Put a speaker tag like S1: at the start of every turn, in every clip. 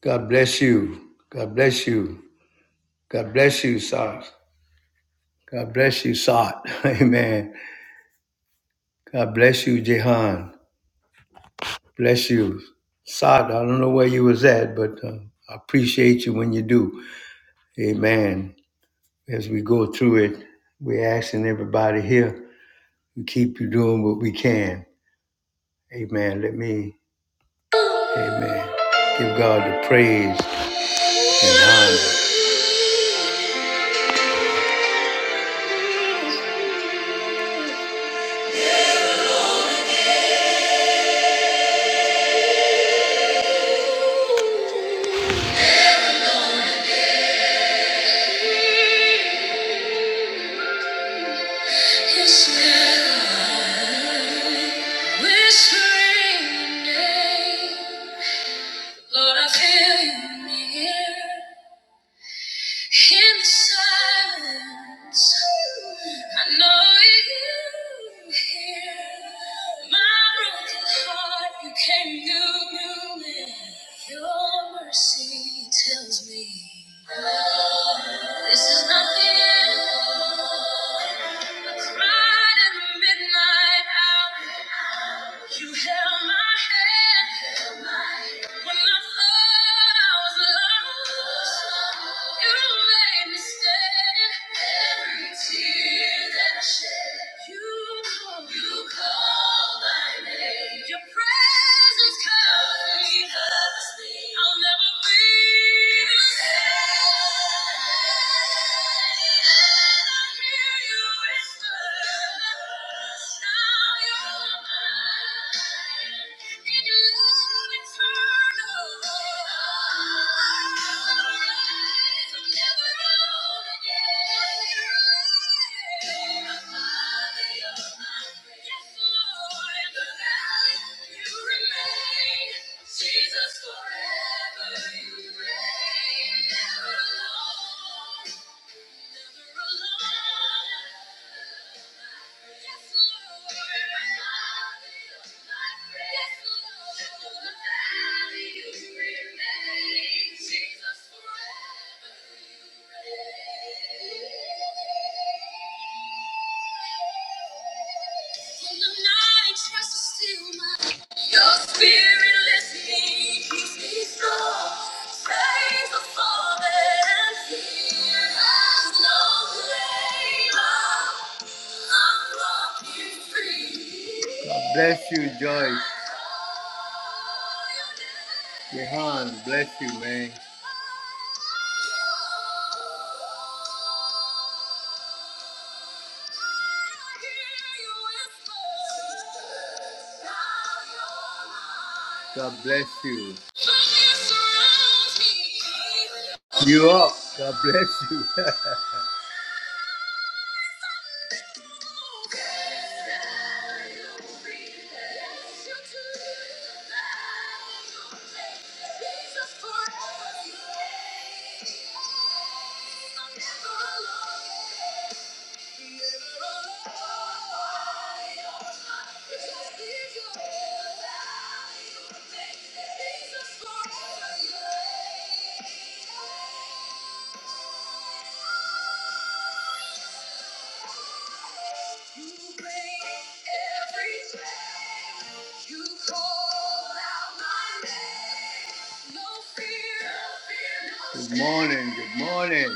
S1: God bless you. God bless you. God bless you, Sar. God bless you, Saad. Amen. God bless you, Jehan. Bless you. Saad, I don't know where you was at, but uh, I appreciate you when you do. Amen. As we go through it, we're asking everybody here to keep you doing what we can. Amen. Let me, amen. Give God the praise and honor. God Bless you, Joyce. Jehan, bless you, man. Bless you. You up. God bless you. Morning.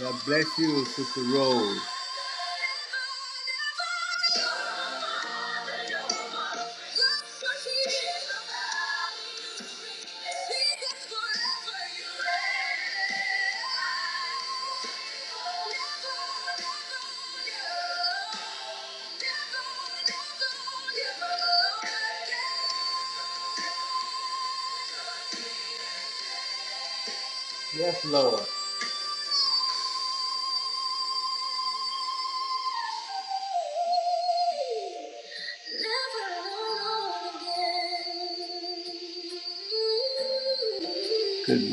S1: God bless you, Sister Rose. Yes, Lord.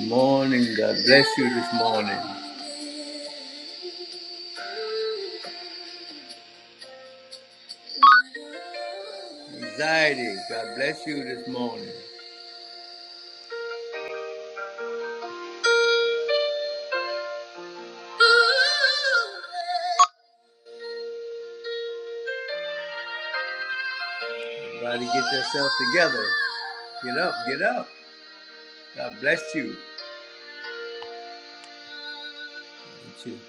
S1: Morning. God bless you. Anxiety. God bless you this morning. Everybody get it together. Get up. Get up. God bless you. Thank you.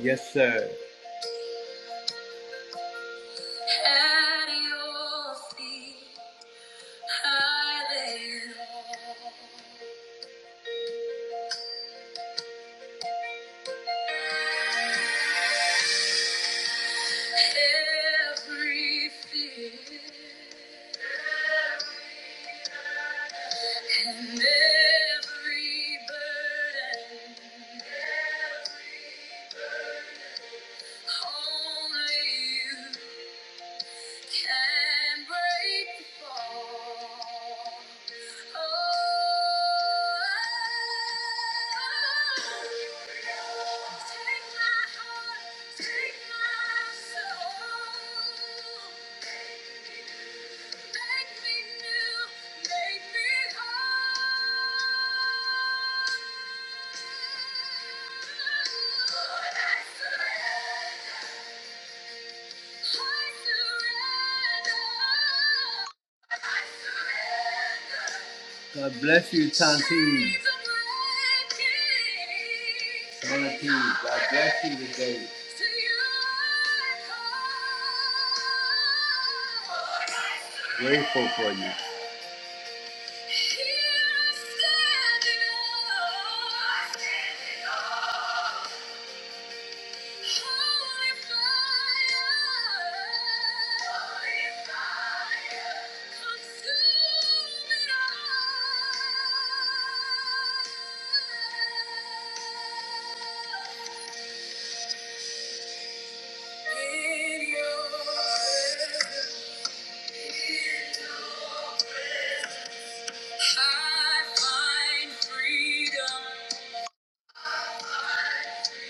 S1: Yes, sir. God bless you, Tyler Davis.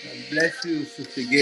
S1: God bless you, Sister Gay.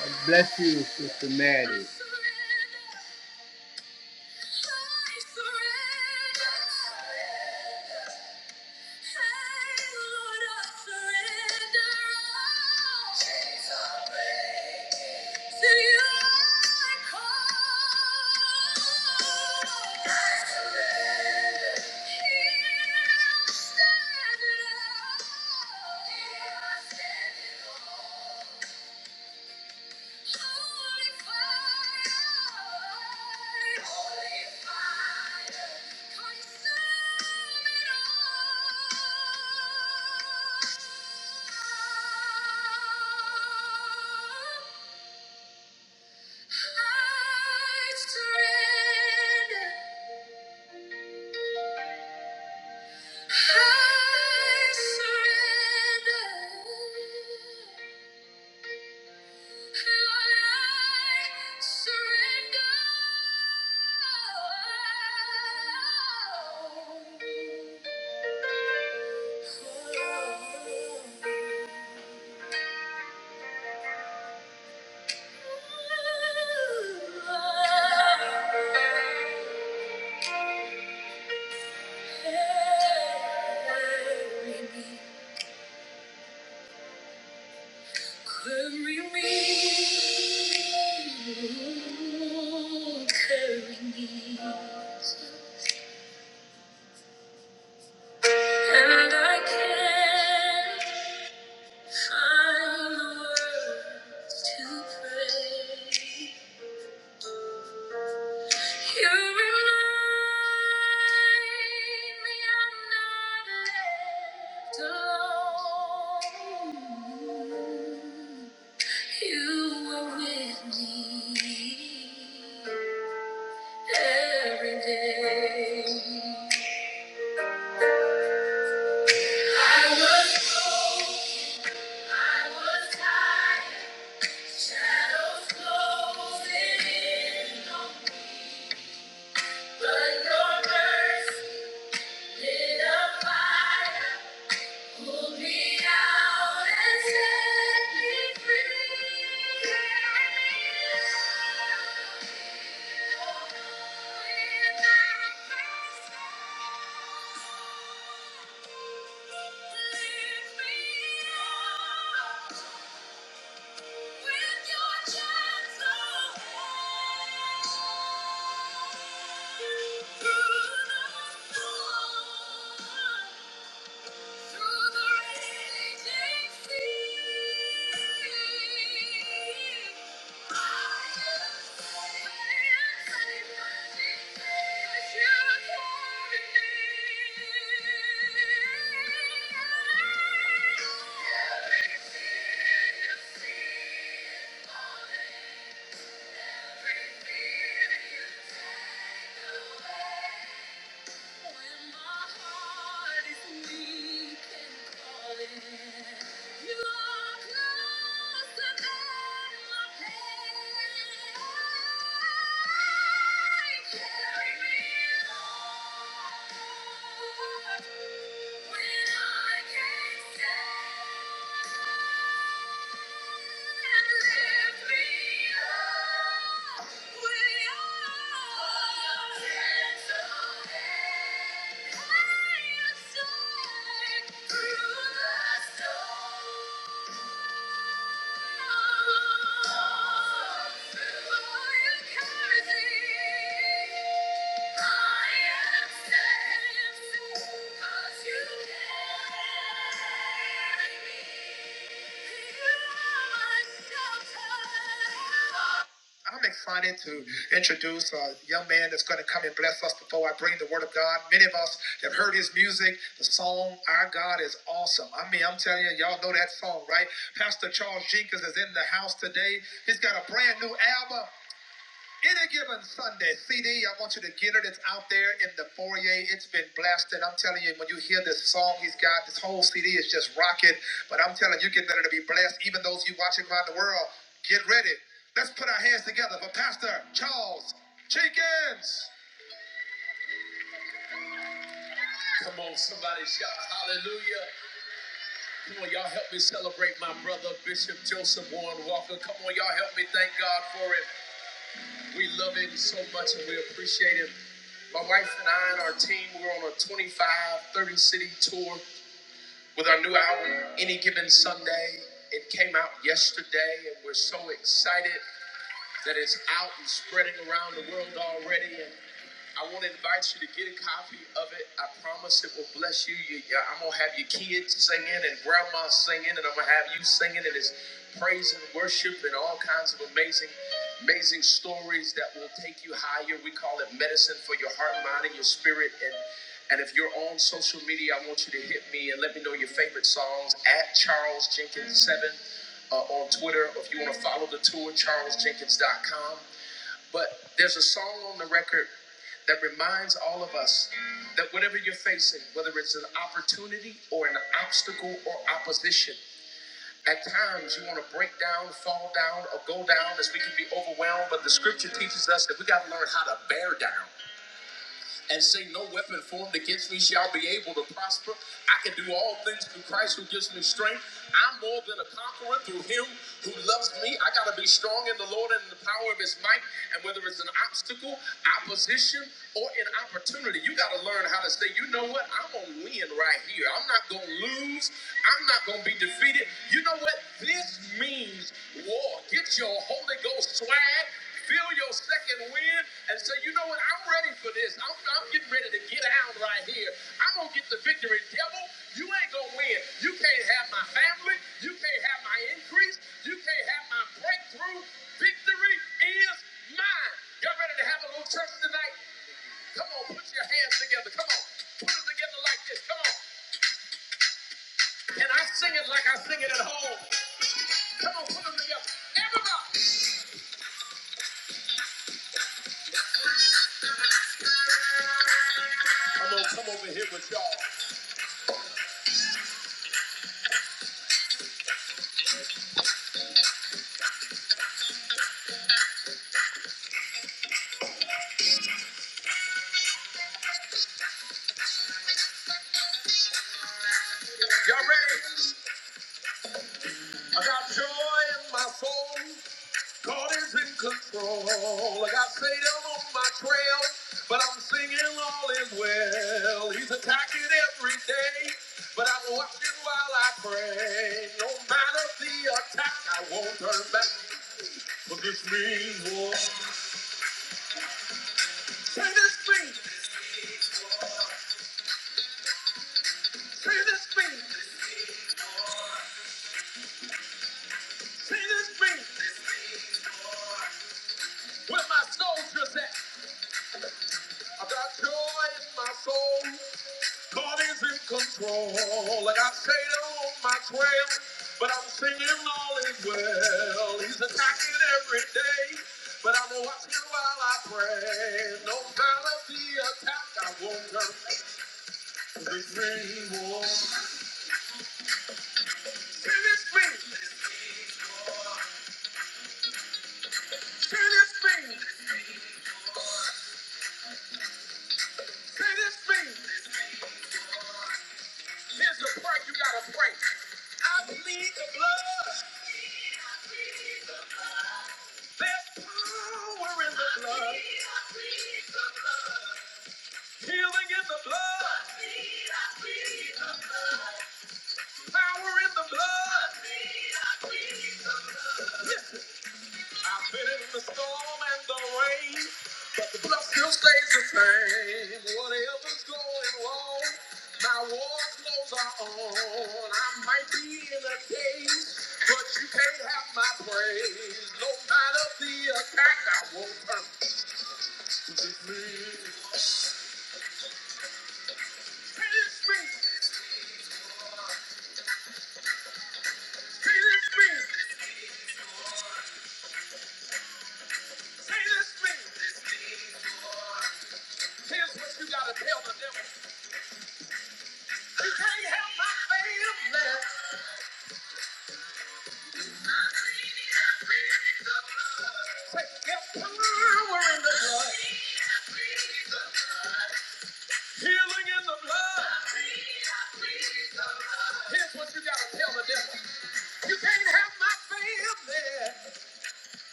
S1: God bless you, Sister Mad.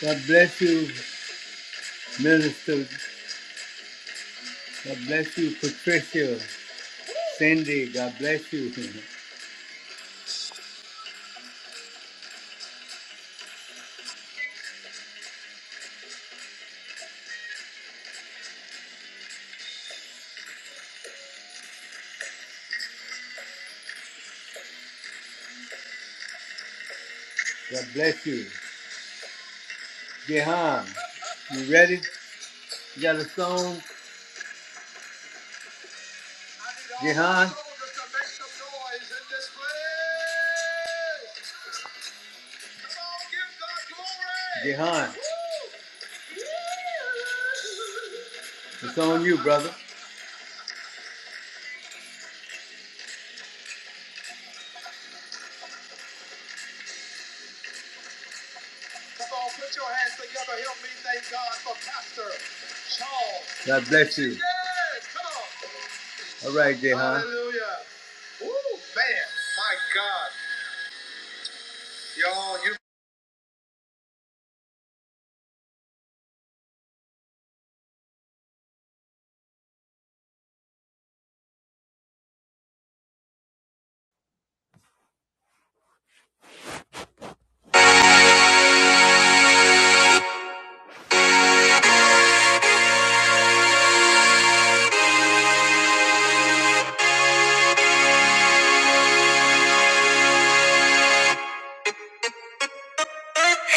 S1: God bless you, Minister. God bless you, Patricia. Cindy, God bless you. God bless you. Jehan, You ready? You got a song? Jehan, it's on you, brother. God bless you. All right, there.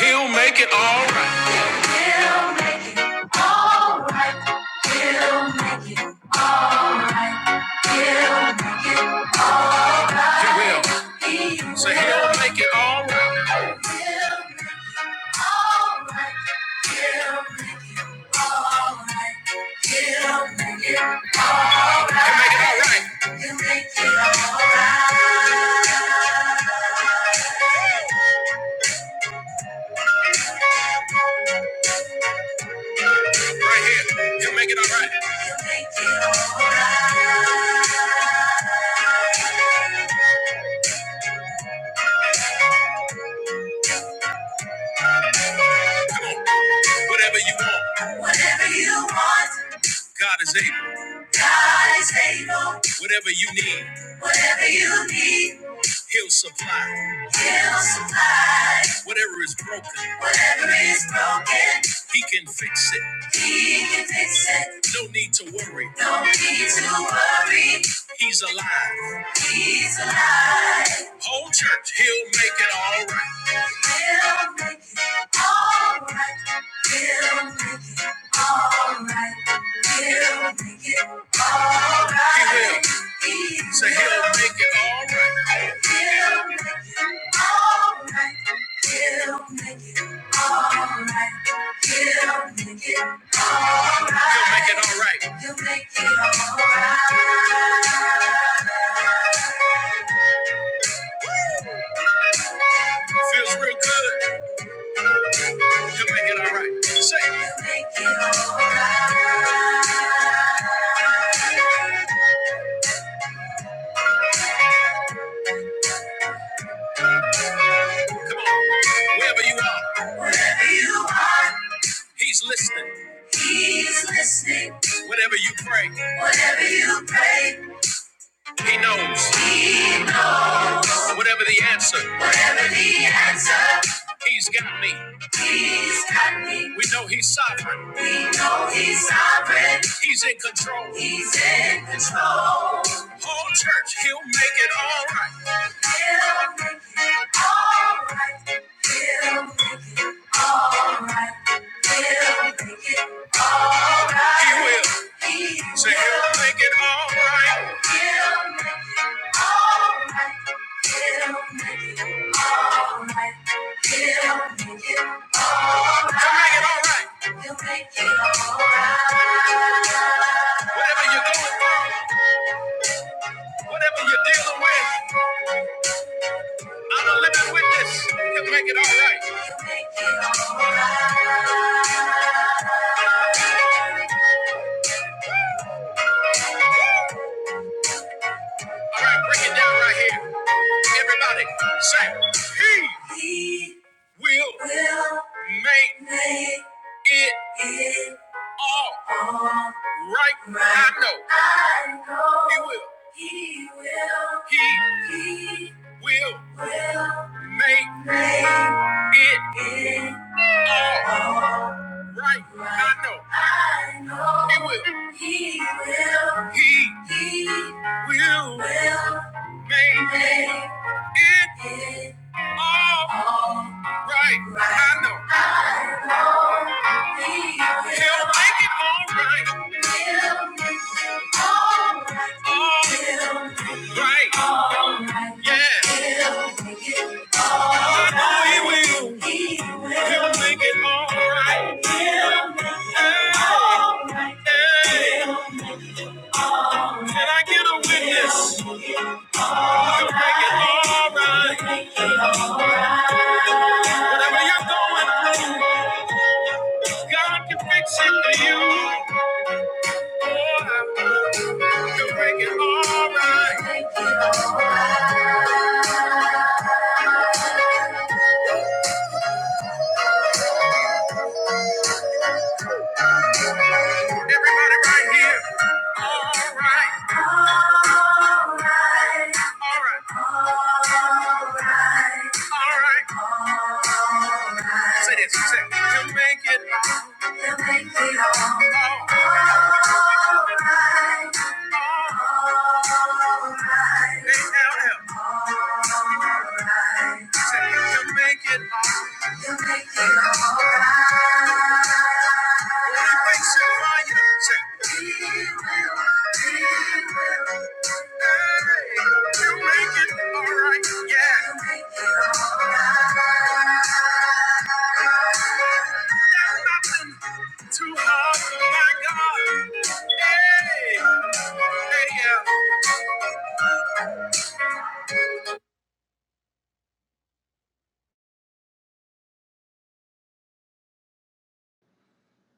S2: He'll make it all right. All right. He'll make it right. He will. Say he'll make it all right. He'll all right. He'll make it all right. He'll make it all right. He'll make it all right. He'll make it all Right Right here. He'll make it all right. He'll make it all right. Whatever you want. Whatever you want. God is able. God is able. Whatever you need. Whatever you need. He'll supply. He'll supply. Whatever is broken. Whatever is broken. He can fix it. He can fix it. No need to worry. No need to worry. He's alive. He's alive. Whole church, he'll make it all right. We'll make it all right. We'll make it all right. We'll make it all right. He will. Say he'll make it all right. He'll make it all right. He'll make it all right. He'll make it all right. He'll make it all right. Feels real good. He'll make it all right. Say. He'll make it all right. Wherever you are. Wherever you are. He's listening. He's listening. Whatever you pray. Whatever you pray. He knows. He knows. Whatever the answer. Whatever the answer. He's got me. He's got me. We know he's sovereign. We know he's sovereign. He's in control. He's in control. Whole church, he'll make it all right. Whatever you're dealing with, I'm a living witness. He'll make it all right. All right, break it down right here. Everybody, say, He, he will, will make, make it, it all all right. right. I know. I know. He will. He will. He, he will, will make, make it, it all all right. right. I know. I know. He will. He will. He He, will make it all right. I know he'll make it all right. All right. Yeah. I know he will. He'll make it all right. Hey, hey. Can I get a witness? Make it all right. Whatever you're going through, God can fix it for you. You make it all right. Everybody right here. All right. All right. All right. All right. Say this. Say, you make it You make me all right. All right. you make it all right. You make it all right. When it breaks your heart, you say, hey, you make it all right. Yeah. There's nothing too hard for my God. Hey. Hey, yeah.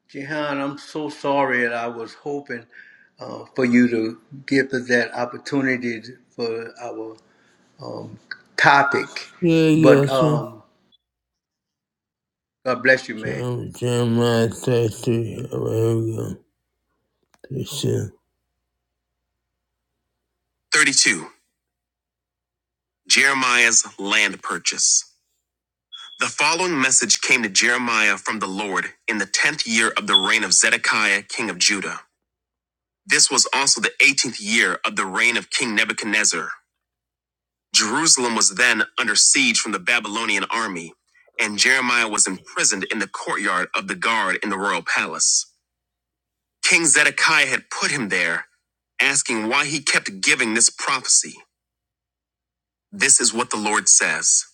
S1: Jehan, I'm so sorry that I was hoping uh, for you to give us that opportunity for our um, topic.
S2: Yeah, yeah,
S1: But
S2: yeah.
S1: um, God bless you, man.
S2: Jeremiah 33. Oh, here we go. 32. 32. Jeremiah's land purchase. The following message came to Jeremiah from the Lord in the 10th year of the reign of Zedekiah, king of Judah. This was also the 18th year of the reign of King Nebuchadnezzar. Jerusalem was then under siege from the Babylonian army, and Jeremiah was imprisoned in the courtyard of the guard in the royal palace. King Zedekiah had put him there, asking why he kept giving this prophecy. This is what the Lord says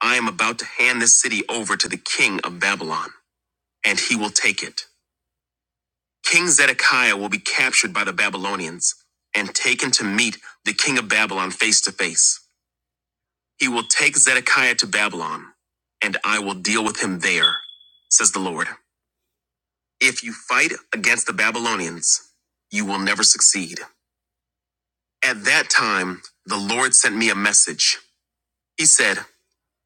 S2: I am about to hand this city over to the king of Babylon, and he will take it. King Zedekiah will be captured by the Babylonians and taken to meet the king of Babylon face to face. He will take Zedekiah to Babylon, and I will deal with him there, says the Lord. If you fight against the Babylonians, you will never succeed. At that time, the Lord sent me a message. He said,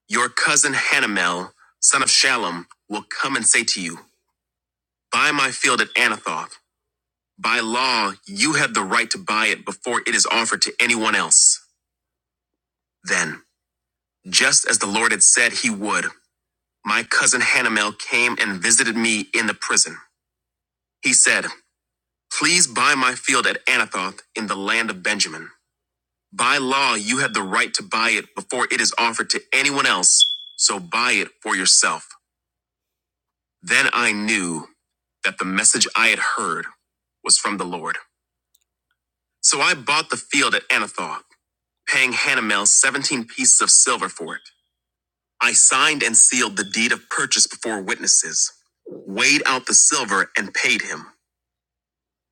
S2: Your cousin Hanamel, son of Shalom, will come and say to you, Buy my field at Anathoth. By law, you have the right to buy it before it is offered to anyone else. Then, just as the Lord had said he would, my cousin Hanamel came and visited me in the prison. He said, Please buy my field at Anathoth in the land of Benjamin. By law, you have the right to buy it before it is offered to anyone else, so buy it for yourself. Then I knew that the message I had heard was from the Lord. So I bought the field at Anathoth, paying Hanamel 17 pieces of silver for it. I signed and sealed the deed of purchase before witnesses, weighed out the silver, and paid him.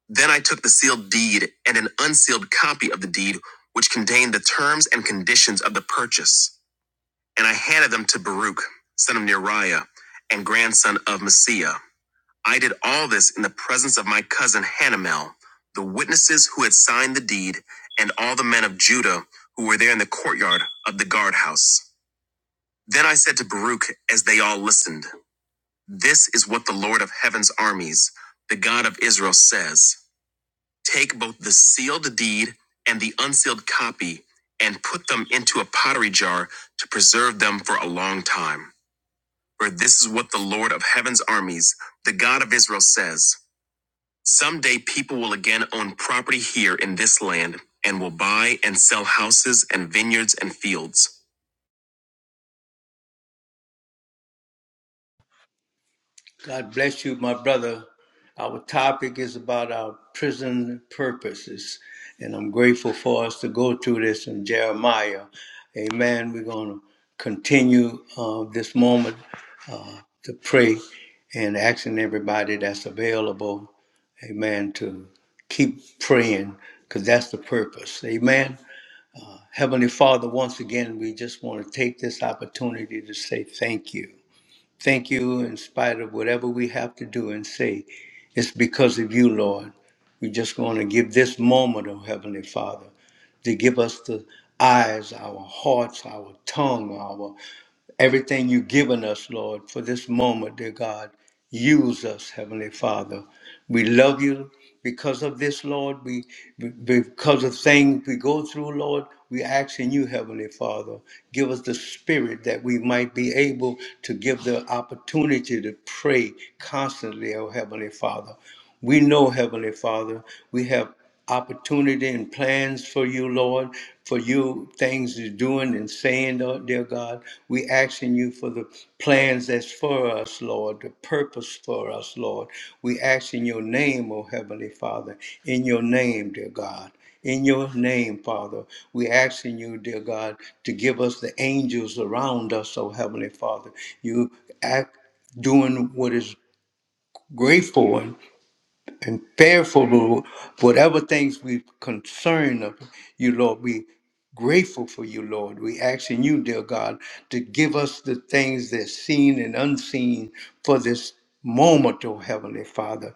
S2: Then I took the sealed deed and an unsealed copy of the deed, which contained the terms and conditions of the purchase. And I handed them to Baruch, son of Neriah, and grandson of Messiah. I did all this in the presence of my cousin Hanamel, the witnesses who had signed the deed, and all the men of Judah who were there in the courtyard of the guardhouse. Then I said to Baruch as they all listened, This is what the Lord of heaven's armies, the God of Israel, says Take both the sealed deed and the unsealed copy and put them into a pottery jar to preserve them for a long time. For this is what the Lord of heaven's armies, the God of Israel, says Someday people will again own property here in this land and will buy and sell houses and vineyards and fields.
S1: God bless you, my brother. Our topic is about our prison purposes. And I'm grateful for us to go through this in Jeremiah. Amen. We're going to continue uh, this moment to pray and asking everybody that's available, amen, to keep praying because that's the purpose. Amen. Heavenly Father, once again, we just want to take this opportunity to say thank you. Thank you in spite of whatever we have to do and say. It's because of you, Lord. We just want to give this moment, oh Heavenly Father, to give us the eyes, our hearts, our tongue, our everything you've given us, Lord, for this moment, dear God. Use us, Heavenly Father. We love you because of this, Lord. We be- because of things we go through, Lord. We ask in you, Heavenly Father, give us the spirit that we might be able to give the opportunity to pray constantly, oh Heavenly Father. We know, Heavenly Father, we have opportunity and plans for you, Lord, for you things you're doing and saying, oh, dear God. We asking you for the plans that's for us, Lord, the purpose for us, Lord. We ask in your name, oh Heavenly Father, in your name, dear God. In your name, Father, we asking you, dear God, to give us the angels around us, oh Heavenly Father. You act doing what is grateful and fearful of whatever things we've concerned of you, Lord. We grateful for you, Lord. We asking you, dear God, to give us the things that's seen and unseen for this moment, oh Heavenly Father.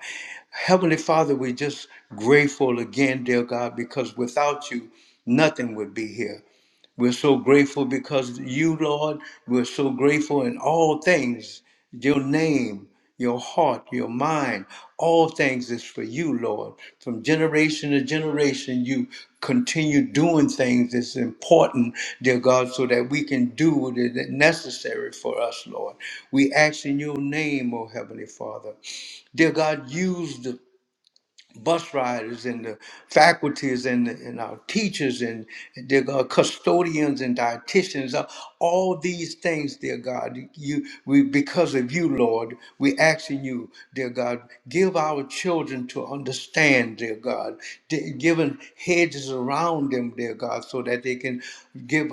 S1: Heavenly Father, we're just grateful again, dear God, because without you, nothing would be here. We're so grateful because you, Lord, we're so grateful in all things. Your name, your heart, your mind, all things is for you, Lord. From generation to generation, you continue doing things that's important, dear God, so that we can do what is necessary for us, Lord. We ask in your name, O Heavenly Father. Dear God, use the bus riders and the faculties and, and our teachers and the uh, custodians and dietitians uh, all these things dear god you we because of you lord we asking you dear god give our children to understand dear god D- given hedges around them dear god so that they can give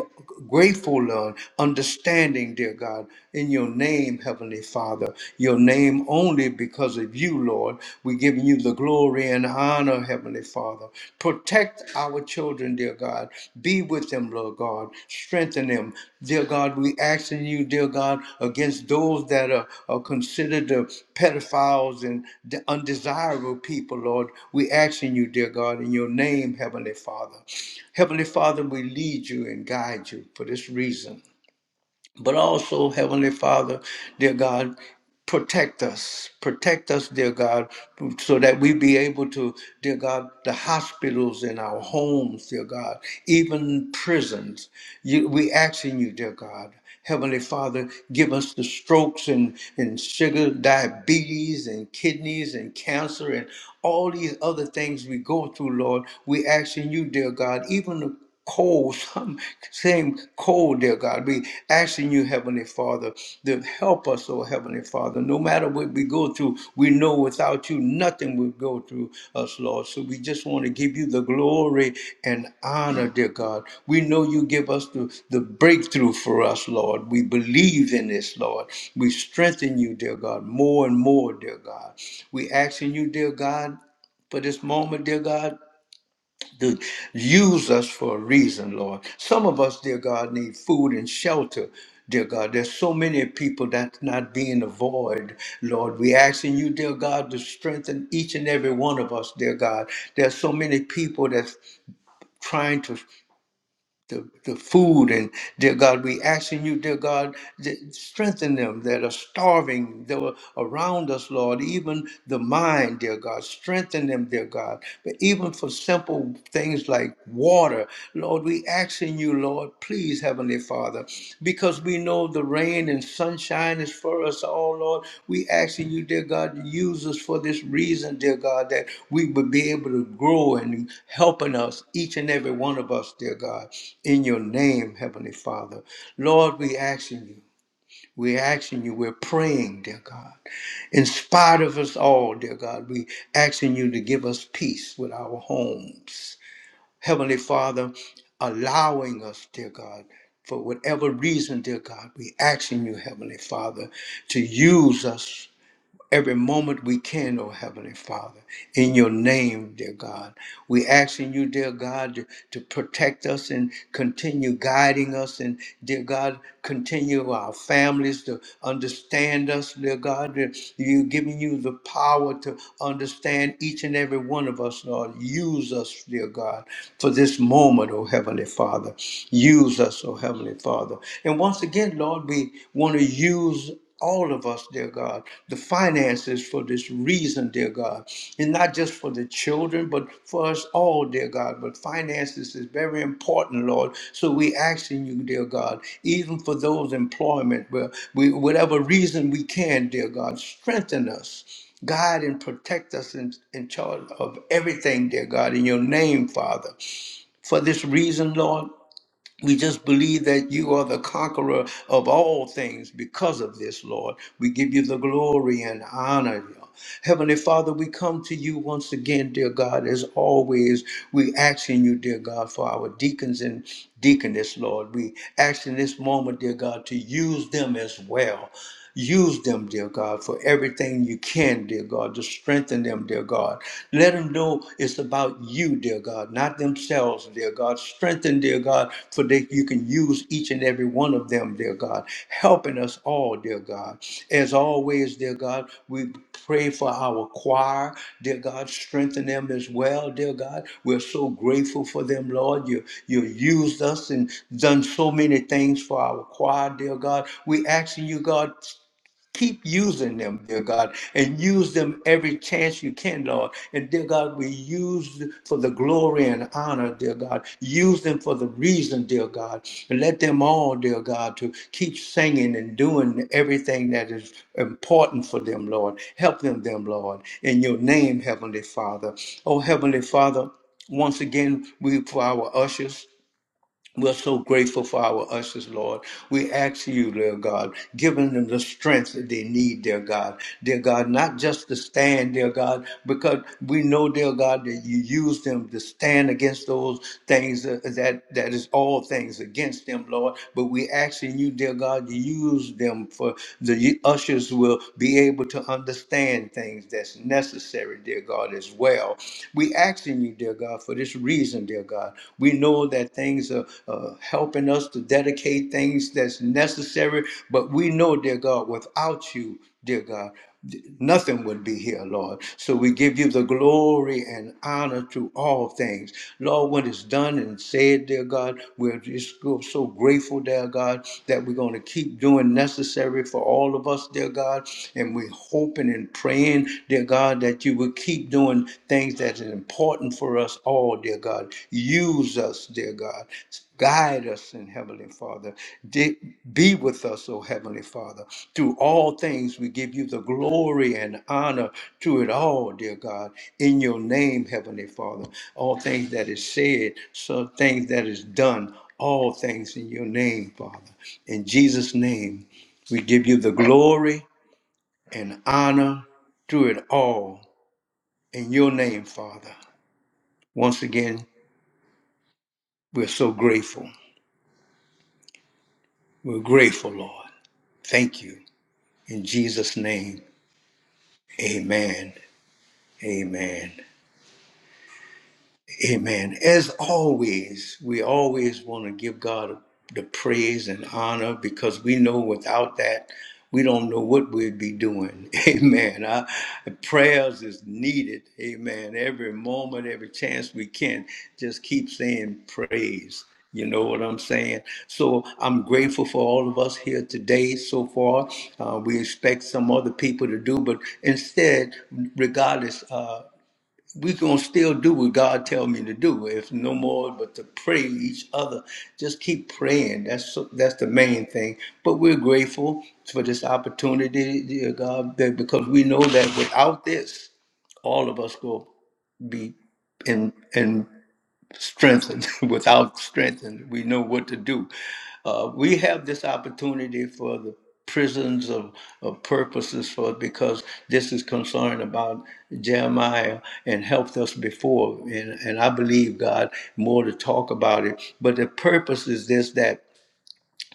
S1: grateful uh, understanding dear god in your name, Heavenly Father. Your name only because of you, Lord. We're giving you the glory and honor, Heavenly Father. Protect our children, dear God. Be with them, Lord God. Strengthen them. Dear God, we asking you, dear God, against those that are, are considered the pedophiles and the undesirable people, Lord. We asking you, dear God, in your name, Heavenly Father. Heavenly Father, we lead you and guide you for this reason but also, Heavenly Father, dear God, protect us. Protect us, dear God, so that we be able to, dear God, the hospitals and our homes, dear God, even prisons. You, we asking you, dear God. Heavenly Father, give us the strokes and, and sugar, diabetes and kidneys and cancer and all these other things we go through, Lord. We asking you, dear God, even the cold, some same cold, dear God. We asking you, Heavenly Father, to help us, oh Heavenly Father. No matter what we go through, we know without you nothing will go through us, Lord. So we just want to give you the glory and honor, dear God. We know you give us the, the breakthrough for us, Lord. We believe in this, Lord. We strengthen you, dear God, more and more, dear God. We asking you, dear God, for this moment, dear God to use us for a reason, Lord. Some of us, dear God, need food and shelter. Dear God, there's so many people that's not being avoided. Lord, we asking you, dear God, to strengthen each and every one of us, dear God. There's so many people that's trying to the, the food and dear God, we asking you, dear God, th- strengthen them that are starving, that are around us, Lord, even the mind, dear God, strengthen them, dear God, but even for simple things like water, Lord, we asking you, Lord, please. Please, Heavenly Father, because we know the rain and sunshine is for us all, Lord. We asking you, dear God, to use us for this reason, dear God, that we would be able to grow and helping us, each and every one of us, dear God, in your name, Heavenly Father. Lord, we asking you. We're asking you, we're praying, dear God. In spite of us all, dear God, we asking you to give us peace with our homes Heavenly Father, allowing us, dear God, for whatever reason, dear God, we asking you, Heavenly Father, to use us every moment we can, oh Heavenly Father, in your name, dear God. We asking you, dear God, to, to protect us and continue guiding us, and dear God, continue our families to understand us, dear God. that You giving you the power to understand each and every one of us, Lord. Use us, dear God, for this moment, oh Heavenly Father. Use us, oh Heavenly Father. And once again, Lord, we want to use all of us, dear God, the finances for this reason, dear God, and not just for the children, but for us all, dear God. But finances is very important, Lord. So we asking you, dear God, even for those employment, where we, whatever reason we can, dear God, strengthen us. Guide and protect us in, in charge of everything, dear God, in your name, Father. For this reason, Lord, we just believe that you are the conqueror of all things because of this, Lord. We give you the glory and honor. Heavenly Father, we come to you once again, dear God, as always. We asking you, dear God, for our deacons and deaconess, Lord. We ask in this moment, dear God, to use them as well. Use them, dear God, for everything you can, dear God, to strengthen them, dear God. Let them know it's about you, dear God, not themselves, dear God. Strengthen, dear God, for that you can use each and every one of them, dear God, helping us all, dear God. As always, dear God, we pray for our choir, dear God, strengthen them as well, dear God. We're so grateful for them, Lord. You you used us and done so many things for our choir, dear God. We asking you, God, Keep using them, dear God, and use them every chance you can, Lord. And dear God, we use th- for the glory and honor, dear God. Use them for the reason, dear God. And let them all, dear God, to keep singing and doing everything that is important for them, Lord. Help them, them, Lord. In your name, Heavenly Father. Oh, Heavenly Father, once again, we for our ushers. We're so grateful for our ushers, Lord. We ask you, dear God, giving them the strength that they need, dear God. Dear God, not just to stand, dear God, because we know, dear God, that you use them to stand against those things that, that that is all things against them, Lord. But we asking you, dear God, to use them for the ushers will be able to understand things that's necessary, dear God, as well. We asking asking you, dear God, for this reason, dear God. We know that things are uh, helping us to dedicate things that's necessary, but we know, dear God, without you, dear God, nothing would be here, Lord. So we give you the glory and honor to all things. Lord, when it's done and said, dear God, we're just so so grateful, dear God, that we're going to keep doing necessary for all of us, dear God. And we're hoping and praying praying, dear God, that you will keep doing things that are important for us all, dear God. Use us, dear God. Guide us in Heavenly Father. Di- Be with us, O Heavenly Father. Through all things, we give you the glory and honor to it all, dear God. In your name, Heavenly Father. All things that is said, some things that is done, all things in your name, Father. In Jesus' name, we give you the glory and honor through it all in your name, Father. Once again, we're so grateful. We're grateful, Lord. Thank you. In Jesus' name, amen. Amen. Amen. As always, we always want to give God the praise and honor because we know without that, we don't know what we'd be doing. Amen. Our prayers is needed. Amen. Every moment, every chance we can, just keep saying praise. You know what I'm saying? So I'm grateful for all of us here today so far. Uh, we expect some other people to do, but instead, regardless, uh, we gonna still do what God tell me to do. If no more, but to pray each other. Just keep praying. That's so- that's the main thing. But we're grateful for this opportunity, dear God, that- because we know that without this, all of us will be in strengthened. Without strengthened, we know what to do. Uh, we have this opportunity for the prisons of, of purposes for because this is concerned about Jeremiah and helped us before and, and I believe God more to talk about it but the purpose is this that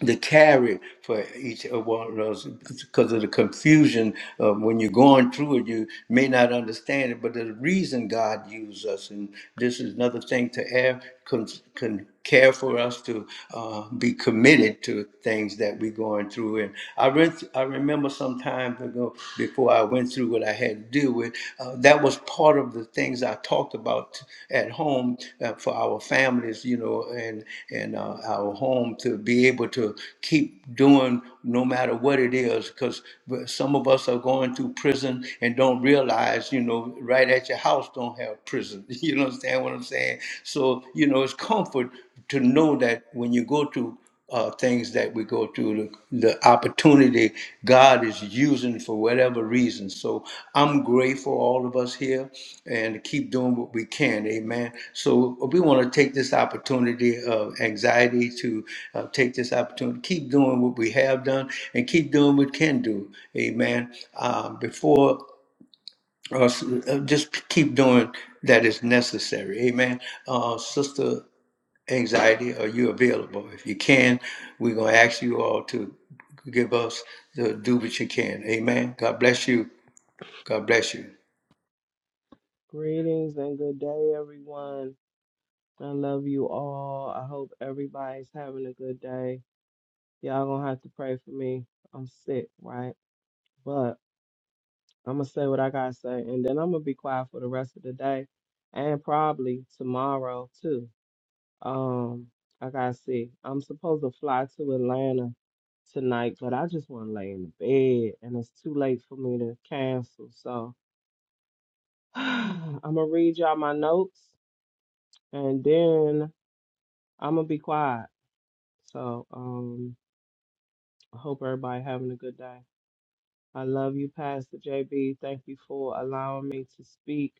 S1: the carry for each of one of us because of the confusion of when you're going through it you may not understand it but the reason god used us and this is another thing to have can, can care for us to uh, be committed to things that we're going through and i, re- I remember some time ago before i went through what i had to deal with uh, uh, that was part of the things I talked about at home uh, for our families, you know, and and uh, our home to be able to keep doing no matter what it is, because some of us are going through prison and don't realize, you know, right at your house don't have prison. You understand what I'm saying? So you know, it's comfort to know that when you go to uh, things that we go through, the, the opportunity God is using for whatever reason. So I'm grateful, all of us here, and keep doing what we can. Amen. So we want to take this opportunity of anxiety to uh, take this opportunity, keep doing what we have done, and keep doing what we can do. Amen. Um, before us, uh, just keep doing that is necessary. Amen. Uh, Sister anxiety, are you available? If you can, we're going to ask you all to give us the do what you can. Amen. God bless you. God bless you.
S3: Greetings and good day, everyone. I love you all. I hope everybody's having a good day. Y'all gonna have to pray for me. I'm sick, right? But I'm gonna say what I gotta say, and then I'm gonna be quiet for the rest of the day and probably tomorrow too. Um, I gotta see. I'm supposed to fly to Atlanta tonight, but I just wanna lay in the bed, and it's too late for me to cancel. So I'm gonna read y'all my notes, and then. I'm gonna be quiet. So um, I hope everybody having a good day. I love you, Pastor JB. Thank you for allowing me to speak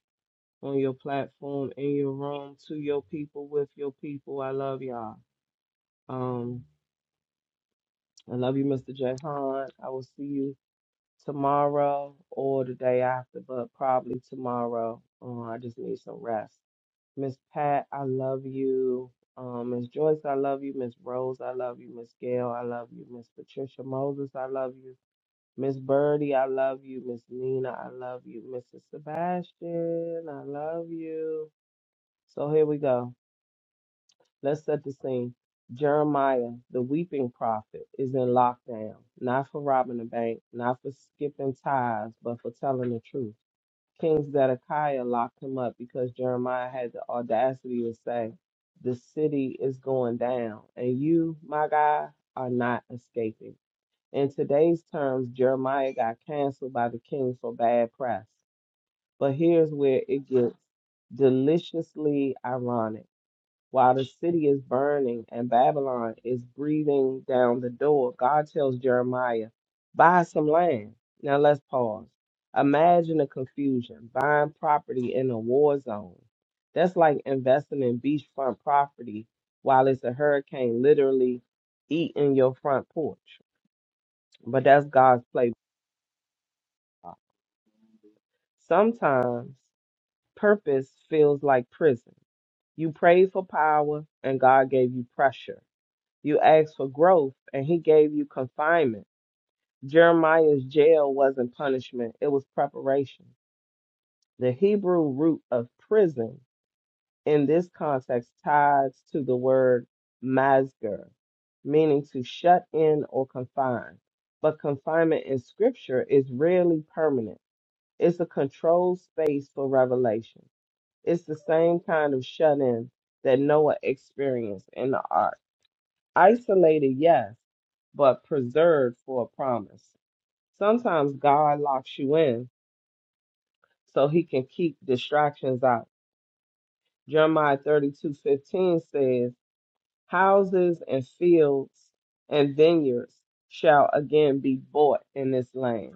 S3: on your platform, in your room, to your people, with your people. I love y'all. Um, I love you, Mr. Jahan. I will see you tomorrow or the day after, but probably tomorrow. Uh, I just need some rest. Miss Pat, I love you. Um, Miss Joyce, I love you. Miss Rose, I love you. Miss Gail, I love you. Miss Patricia Moses, I love you. Miss Birdie, I love you. Miss Nina, I love you. Mrs. Sebastian, I love you. So here we go. Let's set the scene. Jeremiah, the weeping prophet, is in lockdown. Not for robbing the bank, not for skipping tithes, but for telling the truth. King Zedekiah locked him up because Jeremiah had the audacity to say, The city is going down, and you, my guy, are not escaping. In today's terms, Jeremiah got canceled by the king for bad press. But here's where it gets deliciously ironic. While the city is burning and Babylon is breathing down the door, God tells Jeremiah, buy some land. Now let's pause. Imagine the confusion buying property in a war zone. That's like investing in beachfront property while it's a hurricane literally eating your front porch. But that's God's playbook. Sometimes purpose feels like prison. You prayed for power and God gave you pressure. You asked for growth, and he gave you confinement. Jeremiah's jail wasn't punishment, it was preparation. The Hebrew root of prison in this context ties to the word masger, meaning to shut in or confine. But confinement in scripture is rarely permanent, it's a controlled space for revelation. It's the same kind of shut in that Noah experienced in the ark. Isolated, yes, but preserved for a promise. Sometimes God locks you in so he can keep distractions out. Jeremiah thirty-two fifteen says, Houses and fields and vineyards shall again be bought in this land.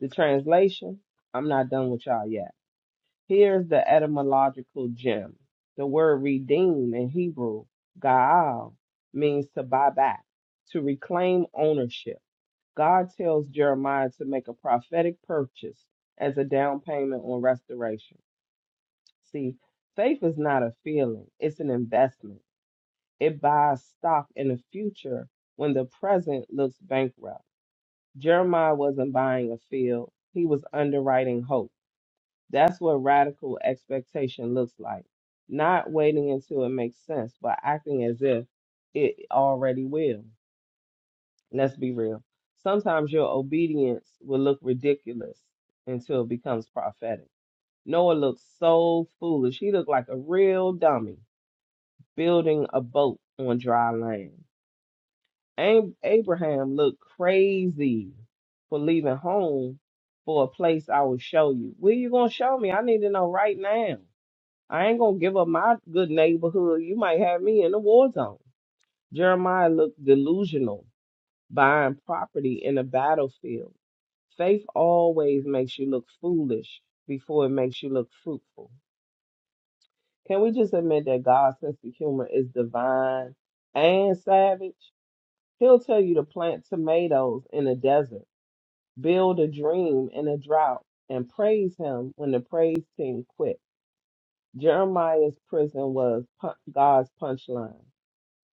S3: The translation, I'm not done with y'all yet. Here's the etymological gem. The word redeem in Hebrew, gaal, means to buy back, to reclaim ownership God tells Jeremiah to make a prophetic purchase as a down payment on restoration. See, faith is not a feeling, it's an investment. It buys stock in the future when the present looks bankrupt. Jeremiah wasn't buying a field, he was underwriting hope. That's what radical expectation looks like. Not waiting until it makes sense, but acting as if it already will. Let's be real. Sometimes your obedience will look ridiculous until it becomes prophetic. Noah looked so foolish. He looked like a real dummy building a boat on dry land. Ab- Abraham looked crazy for leaving home for a place I will show you. Where you gonna show me? I need to know right now. I ain't gonna give up my good neighborhood. You might have me in the war zone. Jeremiah looked delusional buying property in a battlefield. Faith always makes you look foolish before it makes you look fruitful. Can we just admit that God's sense of humor is divine and savage? He'll tell you to plant tomatoes in a desert, build a dream in a drought, and praise Him when the praise team quit. Jeremiah's prison was pu- God's punchline,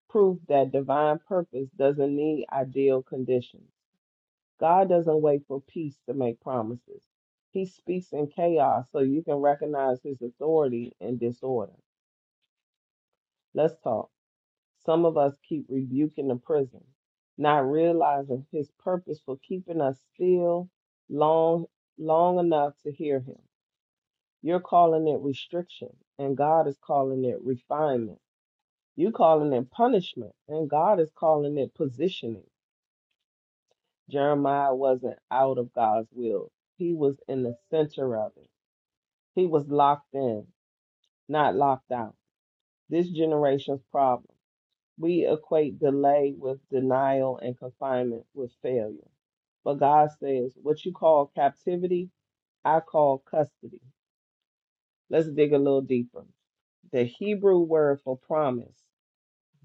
S3: proof that divine purpose doesn't need ideal conditions. God doesn't wait for peace to make promises. He speaks in chaos so you can recognize his authority in disorder. Let's talk. Some of us keep rebuking the prison, not realizing his purpose for keeping us still long long enough to hear him. You're calling it restriction, and God is calling it refinement. You're calling it punishment, and God is calling it positioning. Jeremiah wasn't out of God's will. He was in the center of it. He was locked in, not locked out. This generation's problem. We equate delay with denial and confinement with failure. But God says, what you call captivity, I call custody. Let's dig a little deeper. The Hebrew word for promise,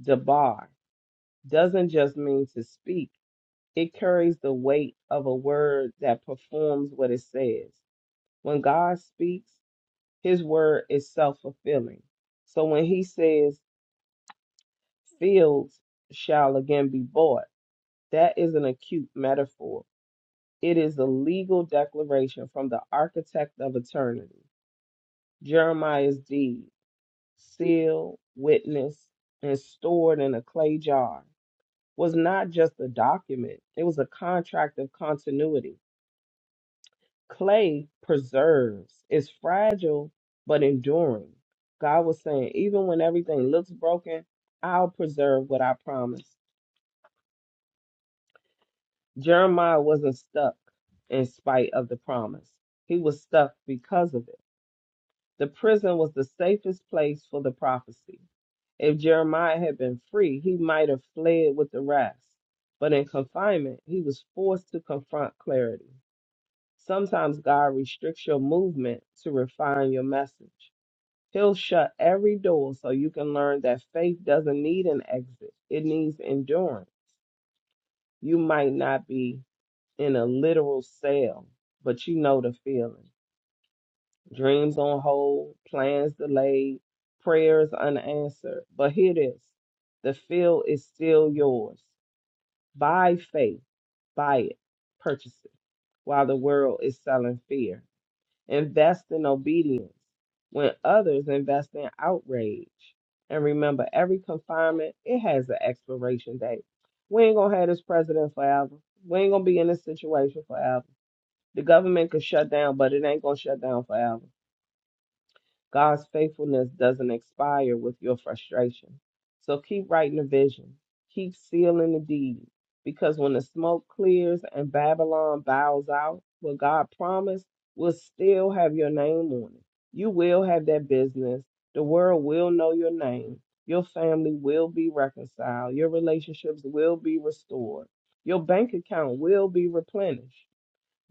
S3: dabar, doesn't just mean to speak, it carries the weight of a word that performs what it says. When God speaks, his word is self fulfilling. So when he says, fields shall again be bought. That is an acute metaphor. It is a legal declaration from the architect of eternity. Jeremiah's deed, sealed, witnessed, and stored in a clay jar, was not just a document, it was a contract of continuity. Clay preserves, is fragile but enduring. God was saying, even when everything looks broken, I'll preserve what I promised. Jeremiah wasn't stuck in spite of the promise. He was stuck because of it. The prison was the safest place for the prophecy. If Jeremiah had been free, he might have fled with the rest. But in confinement, he was forced to confront clarity. Sometimes God restricts your movement to refine your message. He'll shut every door so you can learn that faith doesn't need an exit, it needs endurance. You might not be in a literal cell, but you know the feeling. Dreams on hold, plans delayed, prayers unanswered. But here it is the field is still yours. By faith, buy it, purchase it, while the world is selling fear. Invest in obedience when others invest in outrage. And remember, every confinement, it has an expiration date. We ain't gonna have this president forever. We ain't gonna be in this situation forever the government could shut down, but it ain't gonna shut down forever. God's faithfulness doesn't expire with your frustration. So keep writing the vision, keep sealing the deed, because when the smoke clears and Babylon bows out, what God promised will still have your name on it. You will have that business. The world will know your name. Your family will be reconciled. Your relationships will be restored. Your bank account will be replenished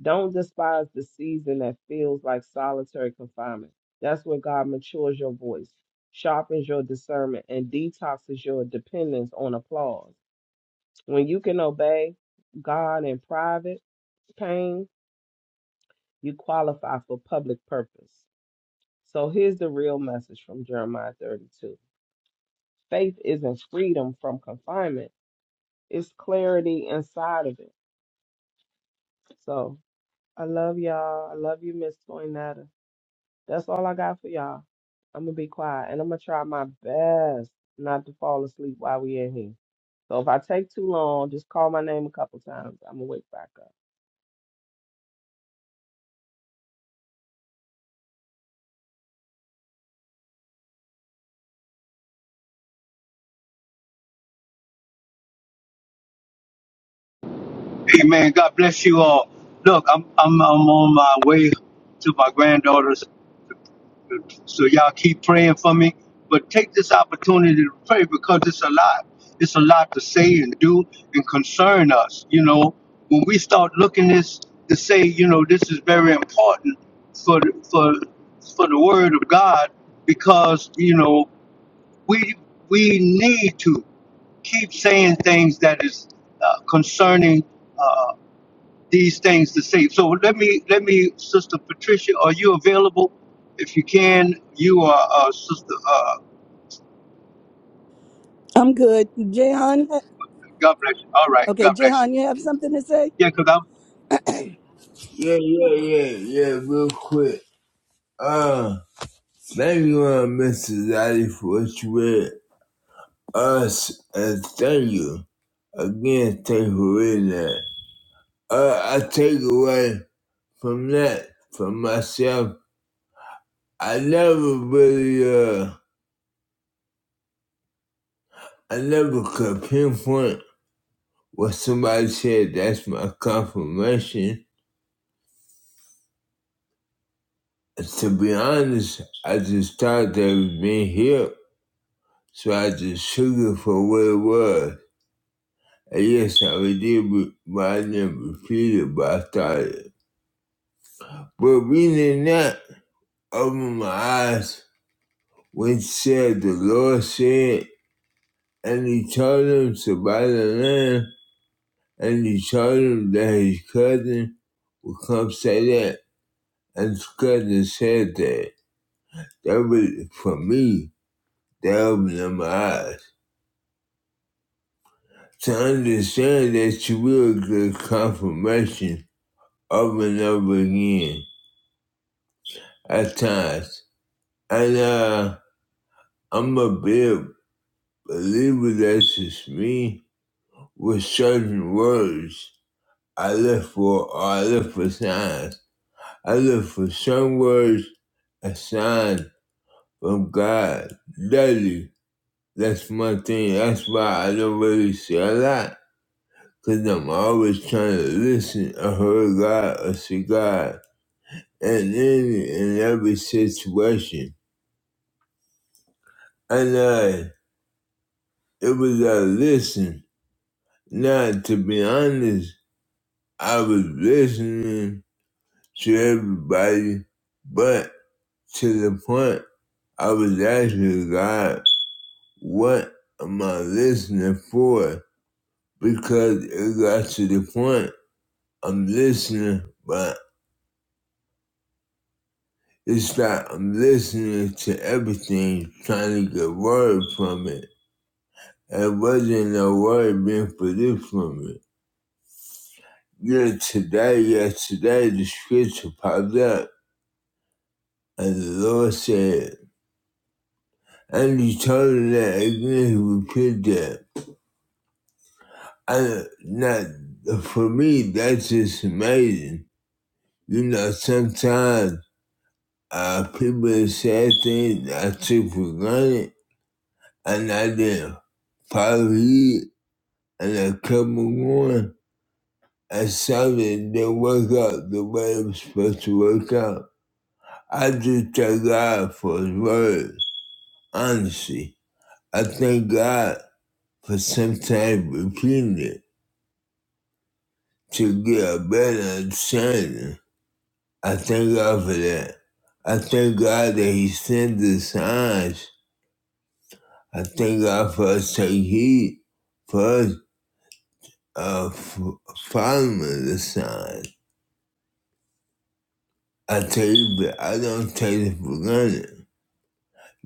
S3: don't despise the season that feels like solitary confinement. That's where God matures your voice, sharpens your discernment, and detoxes your dependence on applause. When you can obey God in private pain, you qualify for public purpose. So here's the real message from Jeremiah 32 faith isn't freedom from confinement, it's clarity inside of it. So I love y'all. I love you, Miss Toinetta. That's all I got for y'all. I'm gonna be quiet and I'm gonna try my best not to fall asleep while we in here. So if I take too long, just call my name a couple times. I'm gonna wake back up.
S1: Amen. God bless you all. Look, I'm I'm I'm on my way to my granddaughter's So y'all keep praying for me. But take this opportunity to pray because it's a lot. It's a lot to say and do and concern us. You know, when we start looking this to say, you know, this is very important for the, for for the word of God because you know we we need to keep saying things that is uh, concerning these things to say. So let me let me, Sister Patricia, are you available? If you can, you are uh, Sister. uh,
S4: I'm good. Jehan,
S1: God bless you. All right.
S4: okay,
S1: God bless you.
S4: Jehan, you have something to say?
S1: Yeah, because I'm
S2: Yeah, yeah,
S4: Okay.
S2: yeah, yeah, real quick. Uh, thank you, uh, Mr. Daddy, for what you read us, and thank you. Again, thank you for reading that. Uh, I take away from that, from myself, I never really, uh, I never could pinpoint what somebody said that's my confirmation. And to be honest, I just thought they was being hip, so I just took it for what it was. And yes, I did, but I didn't repeat it, but I thought it. But reading that, opened my eyes when said the Lord said, and he told him to buy the land, and he told him that his cousin would come say that. It's good to say that. That was, for me, that opened my eyes. To understand that you will get confirmation over and over again at times. And uh, I'm a big believer that's just me with certain words. I look for, or I look for signs. I look for some words, a sign from God daily That's my thing. That's why I don't really say a lot. Cause I'm always trying to listen or hear God or see God. And in, and every situation. And I, it was a listen. Now, to be honest, I was listening to everybody, but to the point I was asking God, what am I listening for? Because it got to the point. I'm listening, but it's like I'm listening to everything, trying to get word from it. There wasn't no word being produced from it. You know, today, yesterday, the scripture popped up, and the Lord said, and you told him that again, he repeated that. I, not, for me, that's just amazing. You know, sometimes uh, people say things I took for granted and I did Five probably and I kept on going. I started to work out the way I'm supposed to work out. I just thank God for His words. honestly. I thank God for sometimes repeating it to get a better understanding. I thank God for that. I thank God that He sent the signs. I thank God for us taking heed, for us uh, f- following the signs. I tell you, but I don't take it for granted.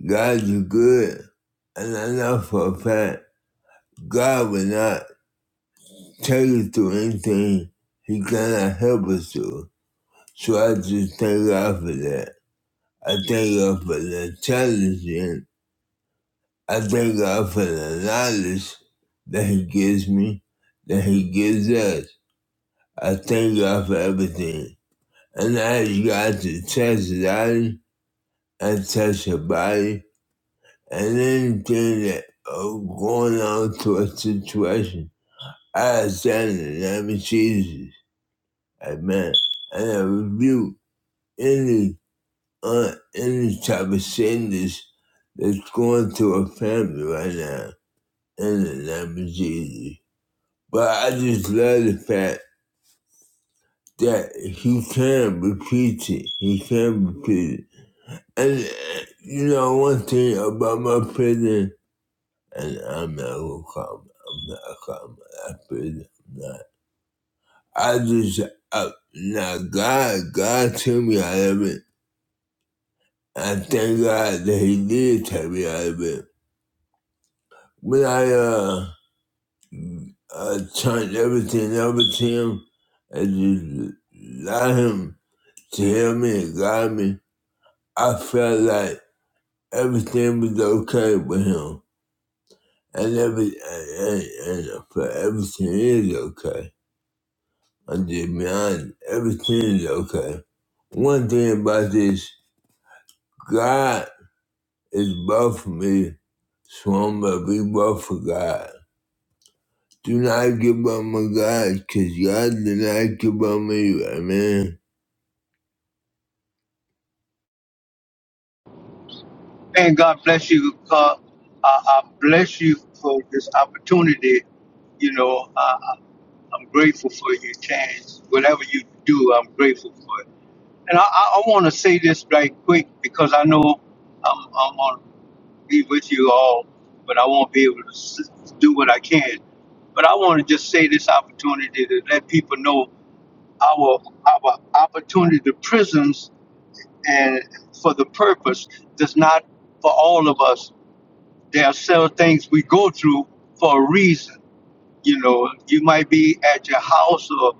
S2: God is good, and I know for a fact God will not take us through anything He cannot help us through. So I just thank God for that. I thank God for the challenge, and I thank God for the knowledge that He gives me, that He gives us. I thank God for everything. And I ask God to touch his eye and touch her body and then get uh, going on to a situation. I said Alexander never Jesus. Amen. And I rebuke any uh, any type of sickness that's going to a family right now in the name of Jesus. But I just love the fact that he can repeat it. He can repeat it. And uh, you know one thing about my prison and I'm not gonna call. I'm not calm. I feel that. I just I, now God, God took me out of it. I thank God that He did take me out of it. When I uh, I turned everything over to Him and just allowed Him to heal me and guide me, I felt like everything was okay with Him, and every and, and, and for everything is okay. I said, man, everything is okay. One thing about this, God is both for me, so I'm gonna be both for God. Do not give up on God, cause God did not give up on you, amen.
S1: saying God bless you because I, I bless you that, you know, I do it. And I quick know I'm going to be with you all, but I won't be able to s- do what I can. But I want to just say this opportunity to let people know our our opportunity to prisons and for the purpose does not for us. They're through for a reason. You know, it might be a,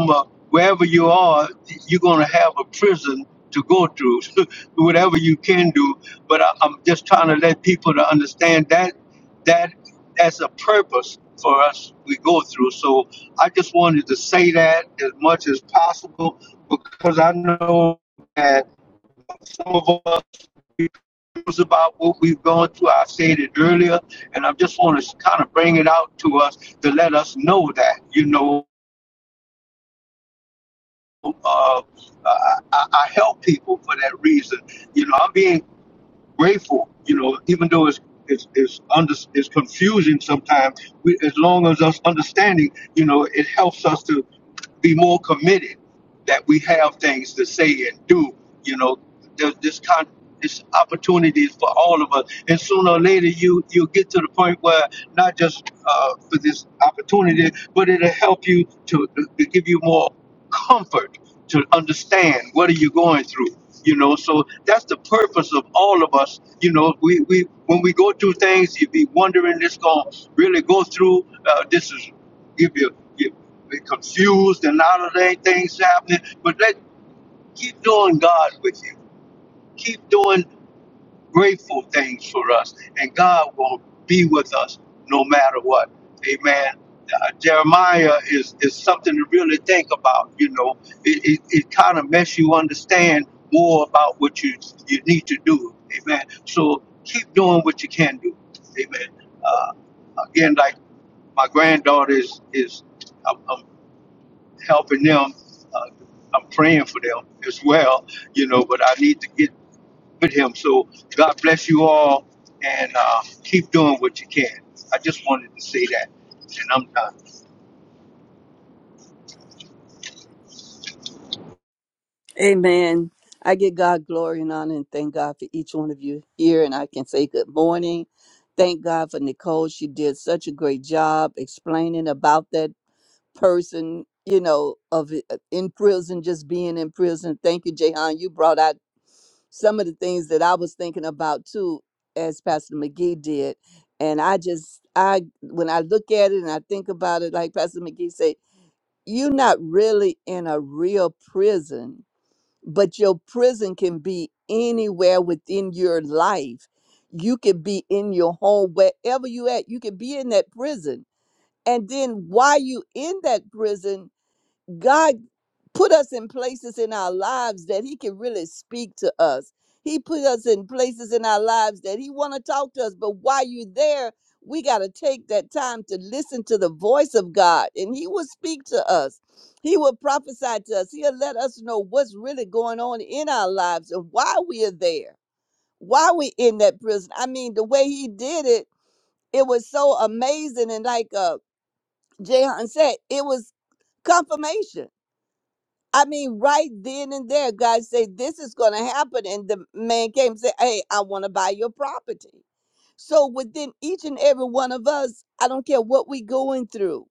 S1: a, wherever the, to go, whatever. do, but I, I'm just trying to let them that that that's a purpose for us we go through. So I just wanted to say that as much as possible because I know that some of us we cruise about what we've gone through. I said it earlier, and I just want to kind of bring it out to us to let us know that you know uh, I, I I help people for that reason. You know, I'm being grateful. You know, even though it's it's it's, under, it's confusing sometimes, we, as long as us understanding, you know, it helps us to be more committed that we have things to say and do. You know, there's this con this opportunities for all of us, and sooner or later you you'll get to the point where not just uh, for this opportunity, but it'll help you to, to give you more comfort to understand what are you going through. You know, so that's the purpose of all of us. You know, we, we when we go through things, you be wondering this gonna really go through. Uh, this is give you. They're confused and out of their things happening. But let keep doing God with you. Keep doing grateful things for us, and God will be with us no matter what. Amen. Uh, Jeremiah is is something to really think about. You know, it it, it kind of makes you understand more about what you you need to do. Amen. So keep doing what you can do. Amen. Again, like my granddaughter is is. I'm, I'm helping them. Uh, I'm praying for them as well, you know, but I need to get with him. So God bless you all and uh, keep doing what you can. I just wanted to say that, and I'm done.
S4: Amen. I give God glory and honor and thank God for each one of you here. And I can say good morning. Thank God for Nicole. She did such a great job explaining about that person, you know, of it- uh, in prison, just being in prison. Thank you, Jehan. You brought out some of the things that I was thinking about too, as Pastor McGee did. And I just, I when I look at it and I think about it, like Pastor McGee said, you're not really in a real prison, but your prison can be anywhere within your life. You could be in your home, wherever you at. You could be in that prison, and then while you in that prison, God put us in places in our lives that he can really speak to us. He put us in places in our lives that he want to talk to us, but while you're there, we got to take that time to listen to the voice of God and he will speak to us. He will prophesy to us. He'll let us know what's really going on in our lives and why we are there. Why we in that prison. I mean, the way he did it, it was so amazing and like uh Jehan said, it was confirmation I mean, right then and there, God say, This is going to happen. And the man came and said, Hey, I want to buy your property. So within each and every one of us, I don't care what we're going through,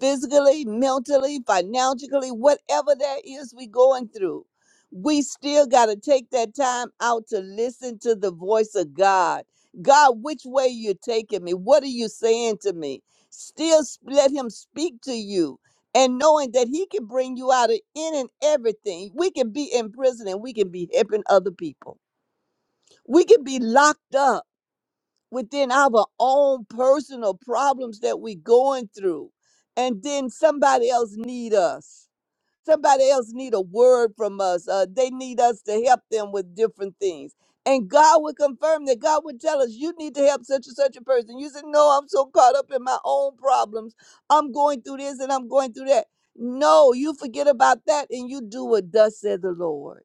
S4: physically, mentally, financially, whatever that is we going through. We still got to take that time out to listen to the voice of God. God, which way you taking me? What are you saying to me? Still s- let him speak to you and knowing that he can bring you out of in and everything. We can be in prison and we can be helping other people. We can be locked up within our own personal problems that we're going through and then somebody else need us somebody else need a word from us uh, they need us to help them with different things and god would confirm that god would tell us you need to help such and such a person you said no i'm so caught up in my own problems i'm going through this and i'm going through that no you forget about that and you do what thus said the lord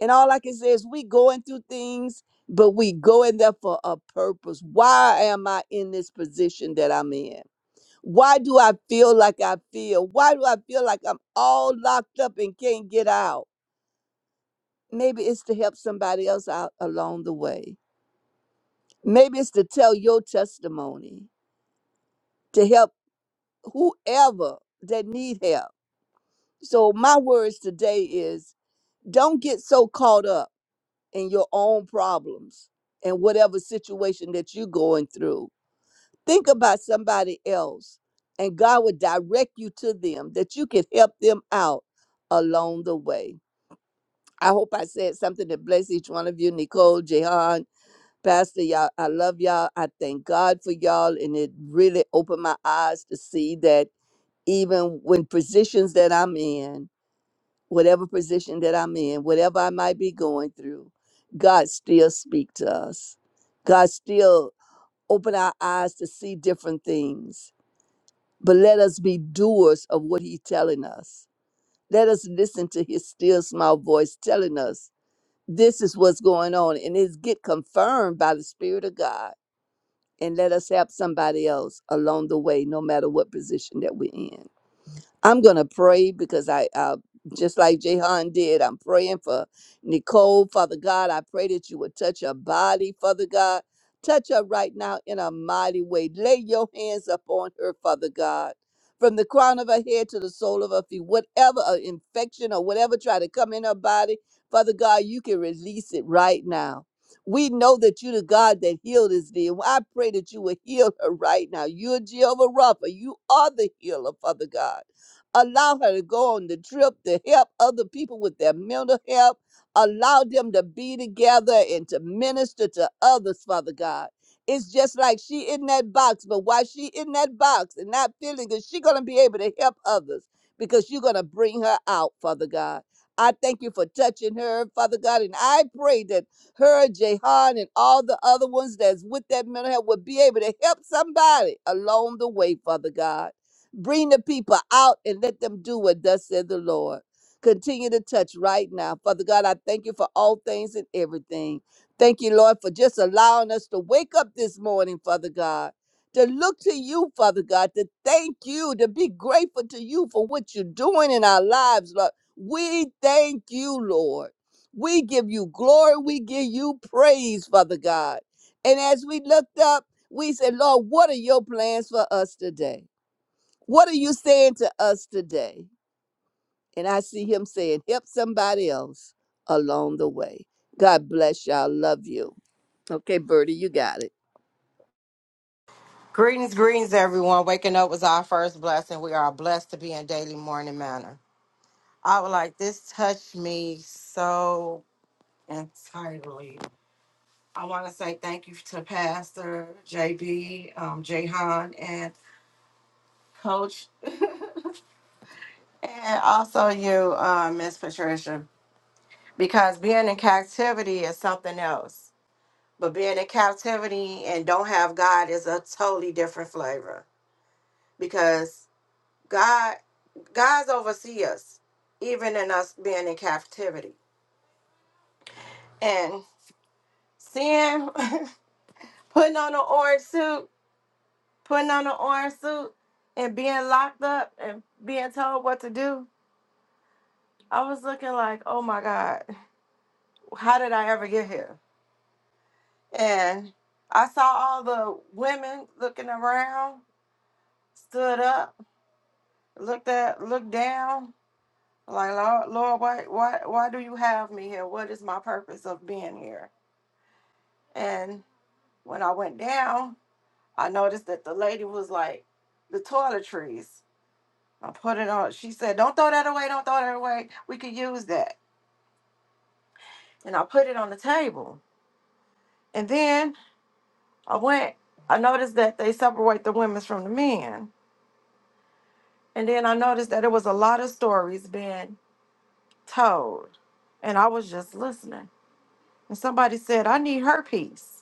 S4: and all I can say is we going through things, but we go in there for a purpose. Why am I in this position that I'm in? Why do I feel like I feel? Why do I feel like I'm all locked up and can't get out? Maybe it's to help somebody else out along the way. Maybe it's to tell your testimony, to help whoever that need help. So my words today is don't get so caught up and your own problems and whatever situation that you're going through. Think about somebody else, and God will direct you to them that you can help them out along the way. I hope I said something that bless each one of you, Nicole, Jehan, Pastor, y'all. I love y'all. I thank God for y'all, and it really opened my eyes to see that even when positions that I'm in, whatever position that I'm in, whatever I might be going through, God still speak to us. God still open our eyes to see different things. But let us be doers of what He's telling us. Let us listen to His still small voice telling us this is what's going on, and it's get confirmed by the Spirit of God. And let us help somebody else along the way, no matter what position that we're in. I'm gonna pray because I, uh, just like Jehan did, I'm praying for Nicole, Father God. I pray that you would touch her body, Father God. Touch her right now in a mighty way. Lay your hands upon her, Father God. From the crown of her head to the sole of her feet, whatever uh, infection or whatever try to come in her body, Father God, you can release it right now. We know that you the God that healed is thee. I pray that you will heal her right now. You're Jehovah Rapha. You are the healer, Father God. Allow her to go on the trip to help other people with their mental health. Allow them to be together and to minister to others, Father God. It's just like she in that box, but why she in that box and not feeling good, she gonna be able to help others because you're gonna bring her out, Father God. I thank you for touching her, Father God, and I pray that her, Jehan, and all the other ones that's with that mental health will be able to help somebody along the way, Father God. Bring the people out and let them do what thus said the Lord. Continue to touch right now. Father God, I thank you for all things and everything. Thank you, Lord, for just allowing us to wake up this morning, Father God, to look to you, Father God, to thank you, to be grateful to you for what you're doing in our lives, Lord. We thank you, Lord. We give you glory. We give you praise, Father God. And as we looked up, we said, Lord, what are your plans for us today? What are you saying to us today? And I see him saying, help somebody else along the way. God bless y'all. Love you. Okay, Bertie, you got it.
S5: Greetings, greetings, everyone. Waking up was our first blessing. We are blessed to be in daily morning manner. I would like this touched me so entirely. I want to say thank you to Pastor JB, um, Jahan, and Coach, and also you, uh, Miss Patricia, because being in captivity is something else. But being in captivity and don't have God is a totally different flavor because God, God's oversee us, even in us being in captivity. And seeing, putting on an orange suit, putting on an orange suit, and being locked up and being told what to do, I was looking like, oh my God, how did I ever get here? And I saw all the women looking around, stood up, looked at, looked down, like Lord, Lord, why, why, why do you have me here? What is my purpose of being here? and When I went down, I noticed that the lady was like the toiletries. I put it on. She said, "Don't throw that away. Don't throw that away. We could use that." And I put it on the table. And then I went. I noticed that they separate the women's from the men. And then I noticed that it was a lot of stories being told, and I was just listening. And somebody said, "I need her piece."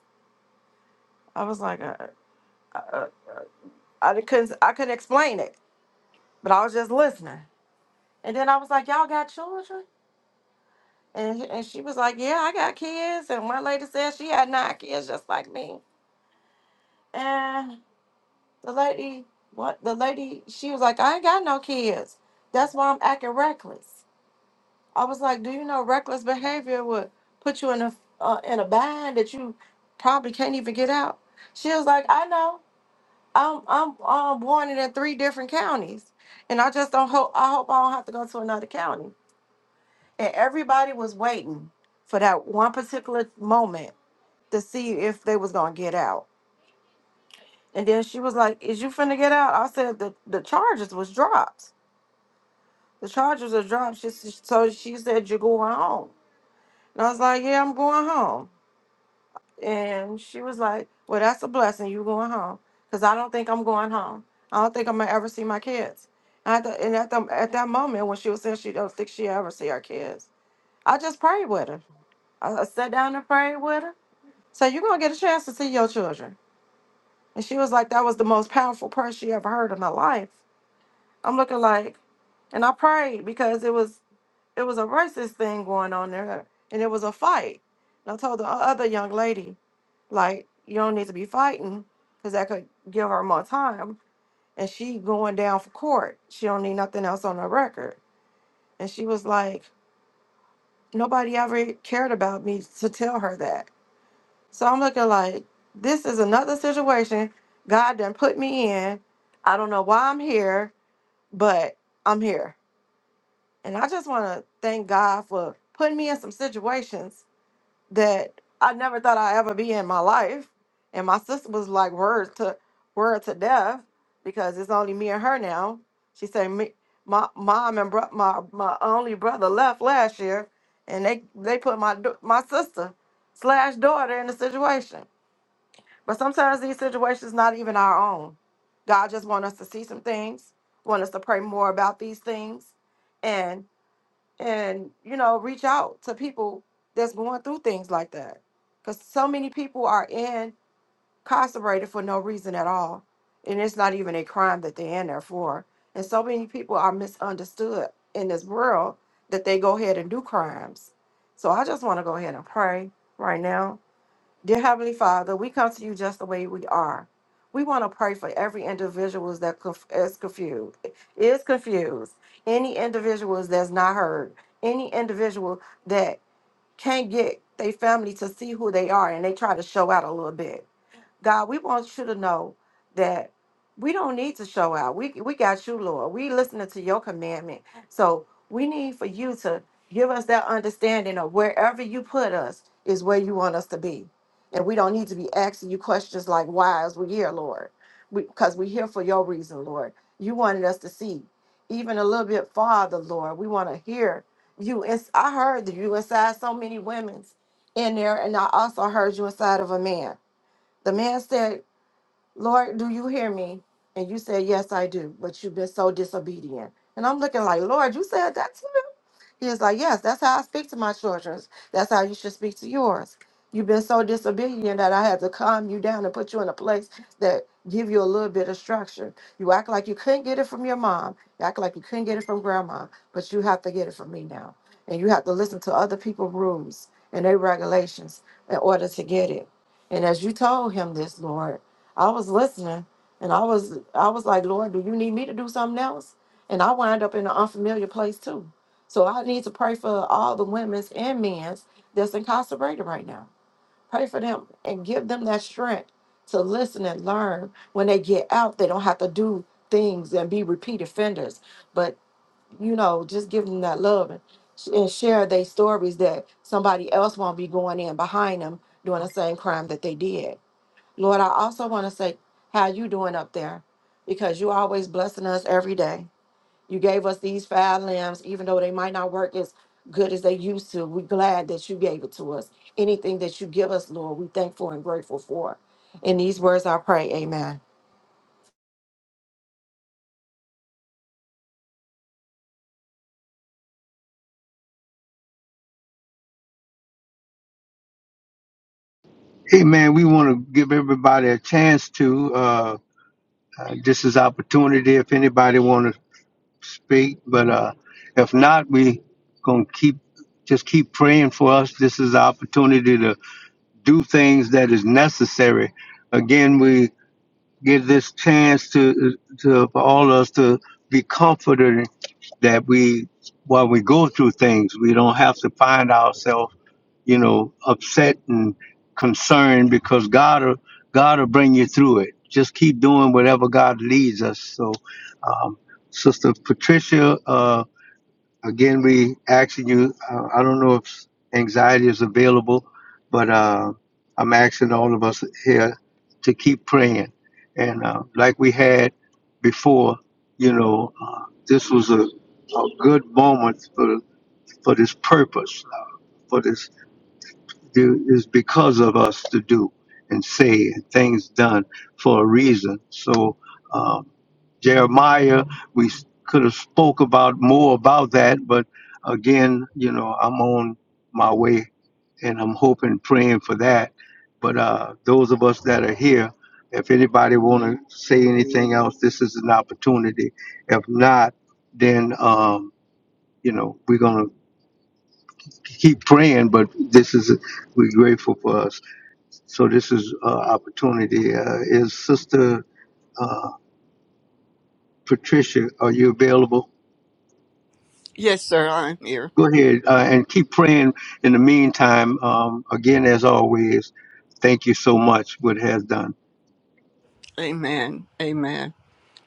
S5: I was like, uh, uh, uh, I couldn't. I couldn't explain it, but I was just listening. And then I was like, "Y'all got children?" And, and she was like, Yeah, I got kids. And one lady said she had nine kids just like me. And the lady, what the lady, she was like, I ain't got no kids. That's why I'm acting reckless. I was like, Do you know reckless behavior would put you in a uh, in a bind that you probably can't even get out? She was like, I know. I'm I'm um, born in three different counties, and I just don't hope I hope I don't have to go to another county. And everybody was waiting for that one particular moment to see if they was gonna get out. And then she was like, "Is you finna get out?" I said, "The the charges was dropped. The charges are dropped." She s- so she said, "You're going home." And I was like, "Yeah, I'm going home." And she was like, "Well, that's a blessing. You going home? Cause I don't think I'm going home. I don't think I'm gonna ever see my kids." And, I th- and at the, at that moment when she was saying she don't think she ever see her kids, I just prayed with her. I, I sat down and prayed with her. So you're gonna get a chance to see your children. And she was like, that was the most powerful prayer she ever heard in her life. I'm looking like, and I prayed because it was it was a racist thing going on there, and it was a fight. And I told the o- other young lady, like, you don't need to be fighting, because that could give her more time. And she going down for court. She don't need nothing else on her record. And she was like, nobody ever cared about me to tell her that. So I'm looking like this is another situation God done put me in. I don't know why I'm here, but I'm here. And I just want to thank God for putting me in some situations that I never thought I'd ever be in my life. And my sister was like words to word to death because it's only me and her now. She said me my mom and bro- my my only brother left last year and they they put my do- my sister slash daughter in the situation. But sometimes these situations not even our own. God just want us to see some things, want us to pray more about these things, and and you know reach out to people that's going through things like that, because so many people are incarcerated for no reason at all, and it's not even a crime that they're in there for. And so many people are misunderstood in this world that they go ahead and do crimes. So I just want to go ahead and pray right now Dear Heavenly Father, we come to you just the way we are. We want to pray for every individual that conf- is confused, is confused. Any individuals that's not heard. Any individual that can't get their family to see who they are and they try to show out a little bit. God, we want you to know that we don't need to show out. We we got you, Lord. We listening to your commandment. So we need for you to give us that understanding of wherever you put us is where you want us to be. And we don't need to be asking you questions like why is we here, Lord? Because we, are here for your reason, Lord. You wanted us to see even a little bit farther, Lord. We want to hear you. It's, I heard that you inside so many women's in there, and I also heard you inside of a man. The man said, Lord, do you hear me? And you said, Yes, I do. But you've been so disobedient. And I'm looking like, Lord, you said that he is like, Yes, that's how I speak to my children. That's how you should speak to yours. You've been so disobedient that I had to calm you down and put you in a place that give you a little bit of structure. You act like you couldn't get it from your mom. You act like you couldn't get it from grandma, but you have to get it from me now. And you have to listen to other people's rules and their regulations in order to get it. And as you told him this, Lord, I was listening and I was I was like, Lord, do you need me to do something else? And I wind up in an unfamiliar place too so I need to pray for all the women's and men's that's incarcerated right now. Pray for them and give them that strength to listen and learn. When they get out, they don't have to do things and be repeat offenders. But you know, just give them that love and, and share their stories that somebody else won't be going in behind them doing the same crime that they did. Lord, I also want to say how you doing up there because you always blessing us every day. You gave us these five limbs, even though they might not work as good as they used to. We're glad that you gave it to us. Anything that you give us, Lord, we thankful and grateful for. In these words, I pray. Amen.
S1: Hey, man, we want to give everybody a chance to. Uh, uh, this is opportunity if anybody want to speak, but uh, if not, we going to keep just keep praying for us. This is the opportunity to do things that is necessary. Again, we give this chance to to for all of us to be comforted that we while we go through things we don't have to find ourselves you know upset and concerned because god will god will bring you through it just keep doing whatever god leads us so um, sister patricia uh, Again, we asking you, uh, I don't know if anxiety is available, but uh, I'm asking all of us here to keep praying. And uh, like we had before, you know, uh, this was a, a good moment for, for this purpose. uh, for this do is because of us to do and say and things done for a reason. So um, Jeremiah, we s- could have spoke about more about that, but again, you know, I'm on my way and I'm hoping, praying for that. But uh, those of us that are here, if anybody want to say anything else, this is an opportunity. If not, then um, you know we're gonna keep praying. But this is we're grateful for us. So this is uh, opportunity. Uh, is Sister uh, Patricia, are you available?
S4: Yes, sir, I'm here.
S1: Go ahead uh, and keep praying. In the meantime, um, again, as always, thank you so much what it has done.
S4: Amen. Amen.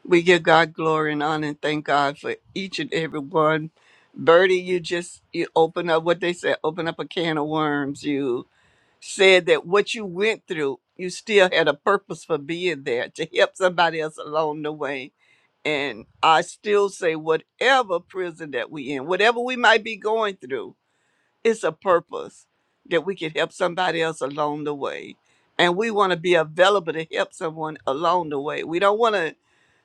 S4: We give God glory and honor and thank God for each and every one. Birdie, you just you open up what they said, open up a can of worms. You said that what you went through, you still had a purpose for being there to help somebody else along the way. And I still say whatever prison that we in, whatever we might be going through, it's a purpose that we can help somebody else along the way. And we want to be available to help someone along the way. We don't want to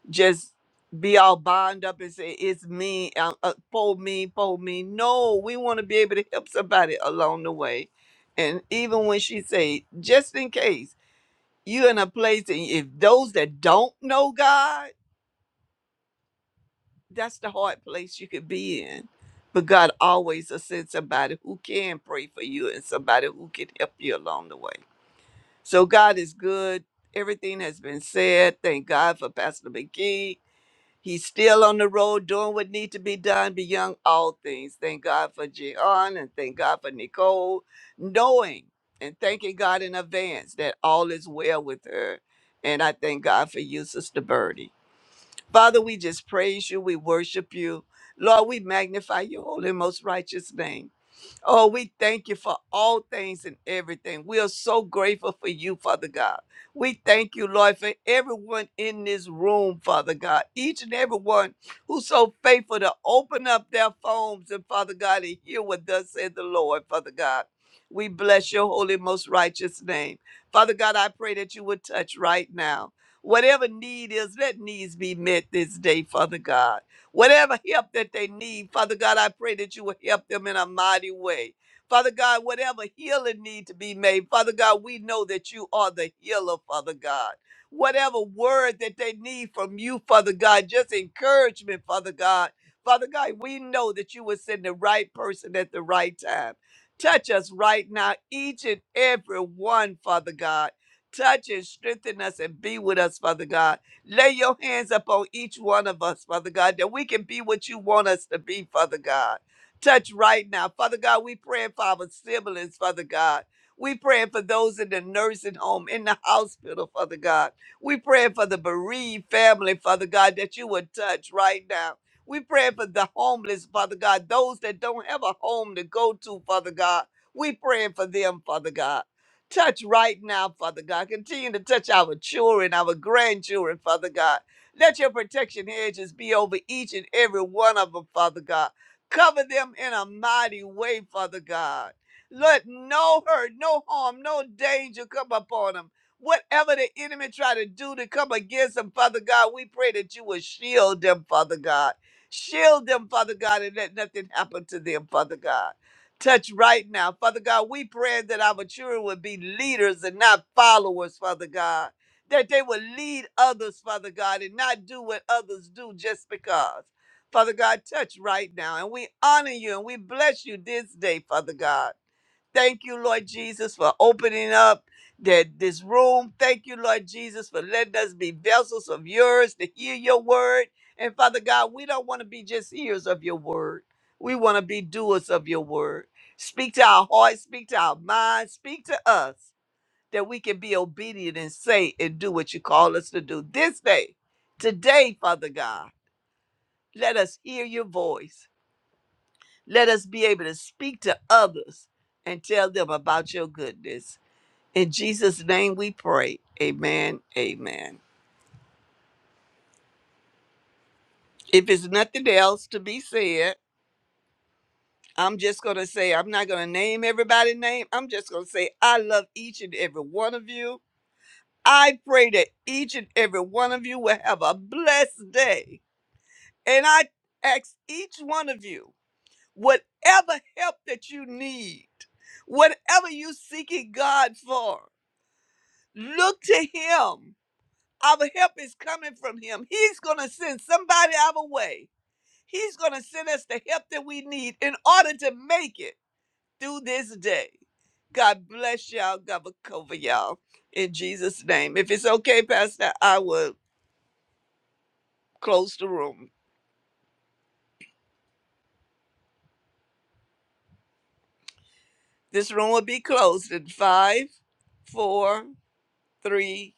S4: just be all bound up and say it's me uh, uh, for me for me no we want to be able to help somebody along the way and even when she say just in case you are in a place and if those that don't know god that's the hard place you could be in but god always will send somebody who can pray for you and somebody who can help you along the way so god is good everything has been said thank god for pastor mcgee He's still on the road doing what needs to be done beyond all things. Thank God for Gian and thank God for Nicole, knowing and thanking God in advance that all is well with her. And I thank God for you, Sister Birdie. Father, we just praise you. We worship you. Lord, we magnify your holy, and most righteous name. Oh, we thank you for all things and everything. We are so grateful for you, Father God. We thank you, Lord, for everyone in this room, Father God. Each and every one who's so faithful to open up their phones and, Father God, and hear what thus said the Lord, Father God. We bless your holy, most righteous name. Father God, I pray that you would touch right now. Whatever need is, let needs be met this day, Father God. Whatever help that they need, Father God, I pray that you will help them in a mighty way. Father God, whatever healing need to be made, Father God, we know that you are the healer, Father God. Whatever word that they need from you, Father God, just encouragement, Father God. Father God, we know that you will send the right person at the right time. Touch us right now, each and every one, Father God. Touch and strengthen us and be with us, Father God. Lay your hands upon each one of us, Father God, that we can be what you want us to be, Father God. Touch right now. Father God, we praying for our siblings, Father God. We praying for those in the nursing home, in the hospital, Father God. We praying for the bereaved family, Father God, that you would touch right now. We praying for the homeless, Father God, those that don't have a home to go to, Father God. We praying for them, Father God. Touch right now, Father God. Continue to touch our children, our grandchildren, Father God. Let your protection hedges be over each and every one of them, Father God. Cover them in a mighty way, Father God. Let no hurt, no harm, no danger come upon them. Whatever the enemy try to do to come against them, Father God, we pray that you will shield them, Father God. Shield them, Father God, and let nothing happen to them, Father God. Touch right now. Father God, we pray that our children would be leaders and not followers, Father God. That they would lead others, Father God, and not do what others do just because. Father God, touch right now. And we honor you and we bless you this day, Father God. Thank you, Lord Jesus, for opening up that this room. Thank you, Lord Jesus, for letting us be vessels of yours to hear your word. And Father God, we don't want to be just hearers of your word. We want to be doers of your word. Speak to our hearts, speak to our minds, speak to us that we can be obedient and say and do what you call us to do this day. Today, Father God, let us hear your voice. Let us be able to speak to others and tell them about your goodness. In Jesus' name we pray. Amen. Amen. If it's nothing else to be said, I'm just going to say, I'm not going to name everybody's name. I'm just going to say, I love each and every one of you. I pray that each and every one of you will have a blessed day. And I ask each one of you, whatever help that you need, whatever you're seeking God for, look to Him Our help is coming from him. He's going to send somebody our way. He's going to send us the help that we need in order to make it through this day. God bless y'all. God will cover y'all in Jesus' name. If it's okay, Pastor, I will close the room. This room will be closed in five, four, three,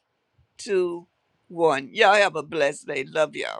S4: two, one. Y'all have a blessed day. Love y'all.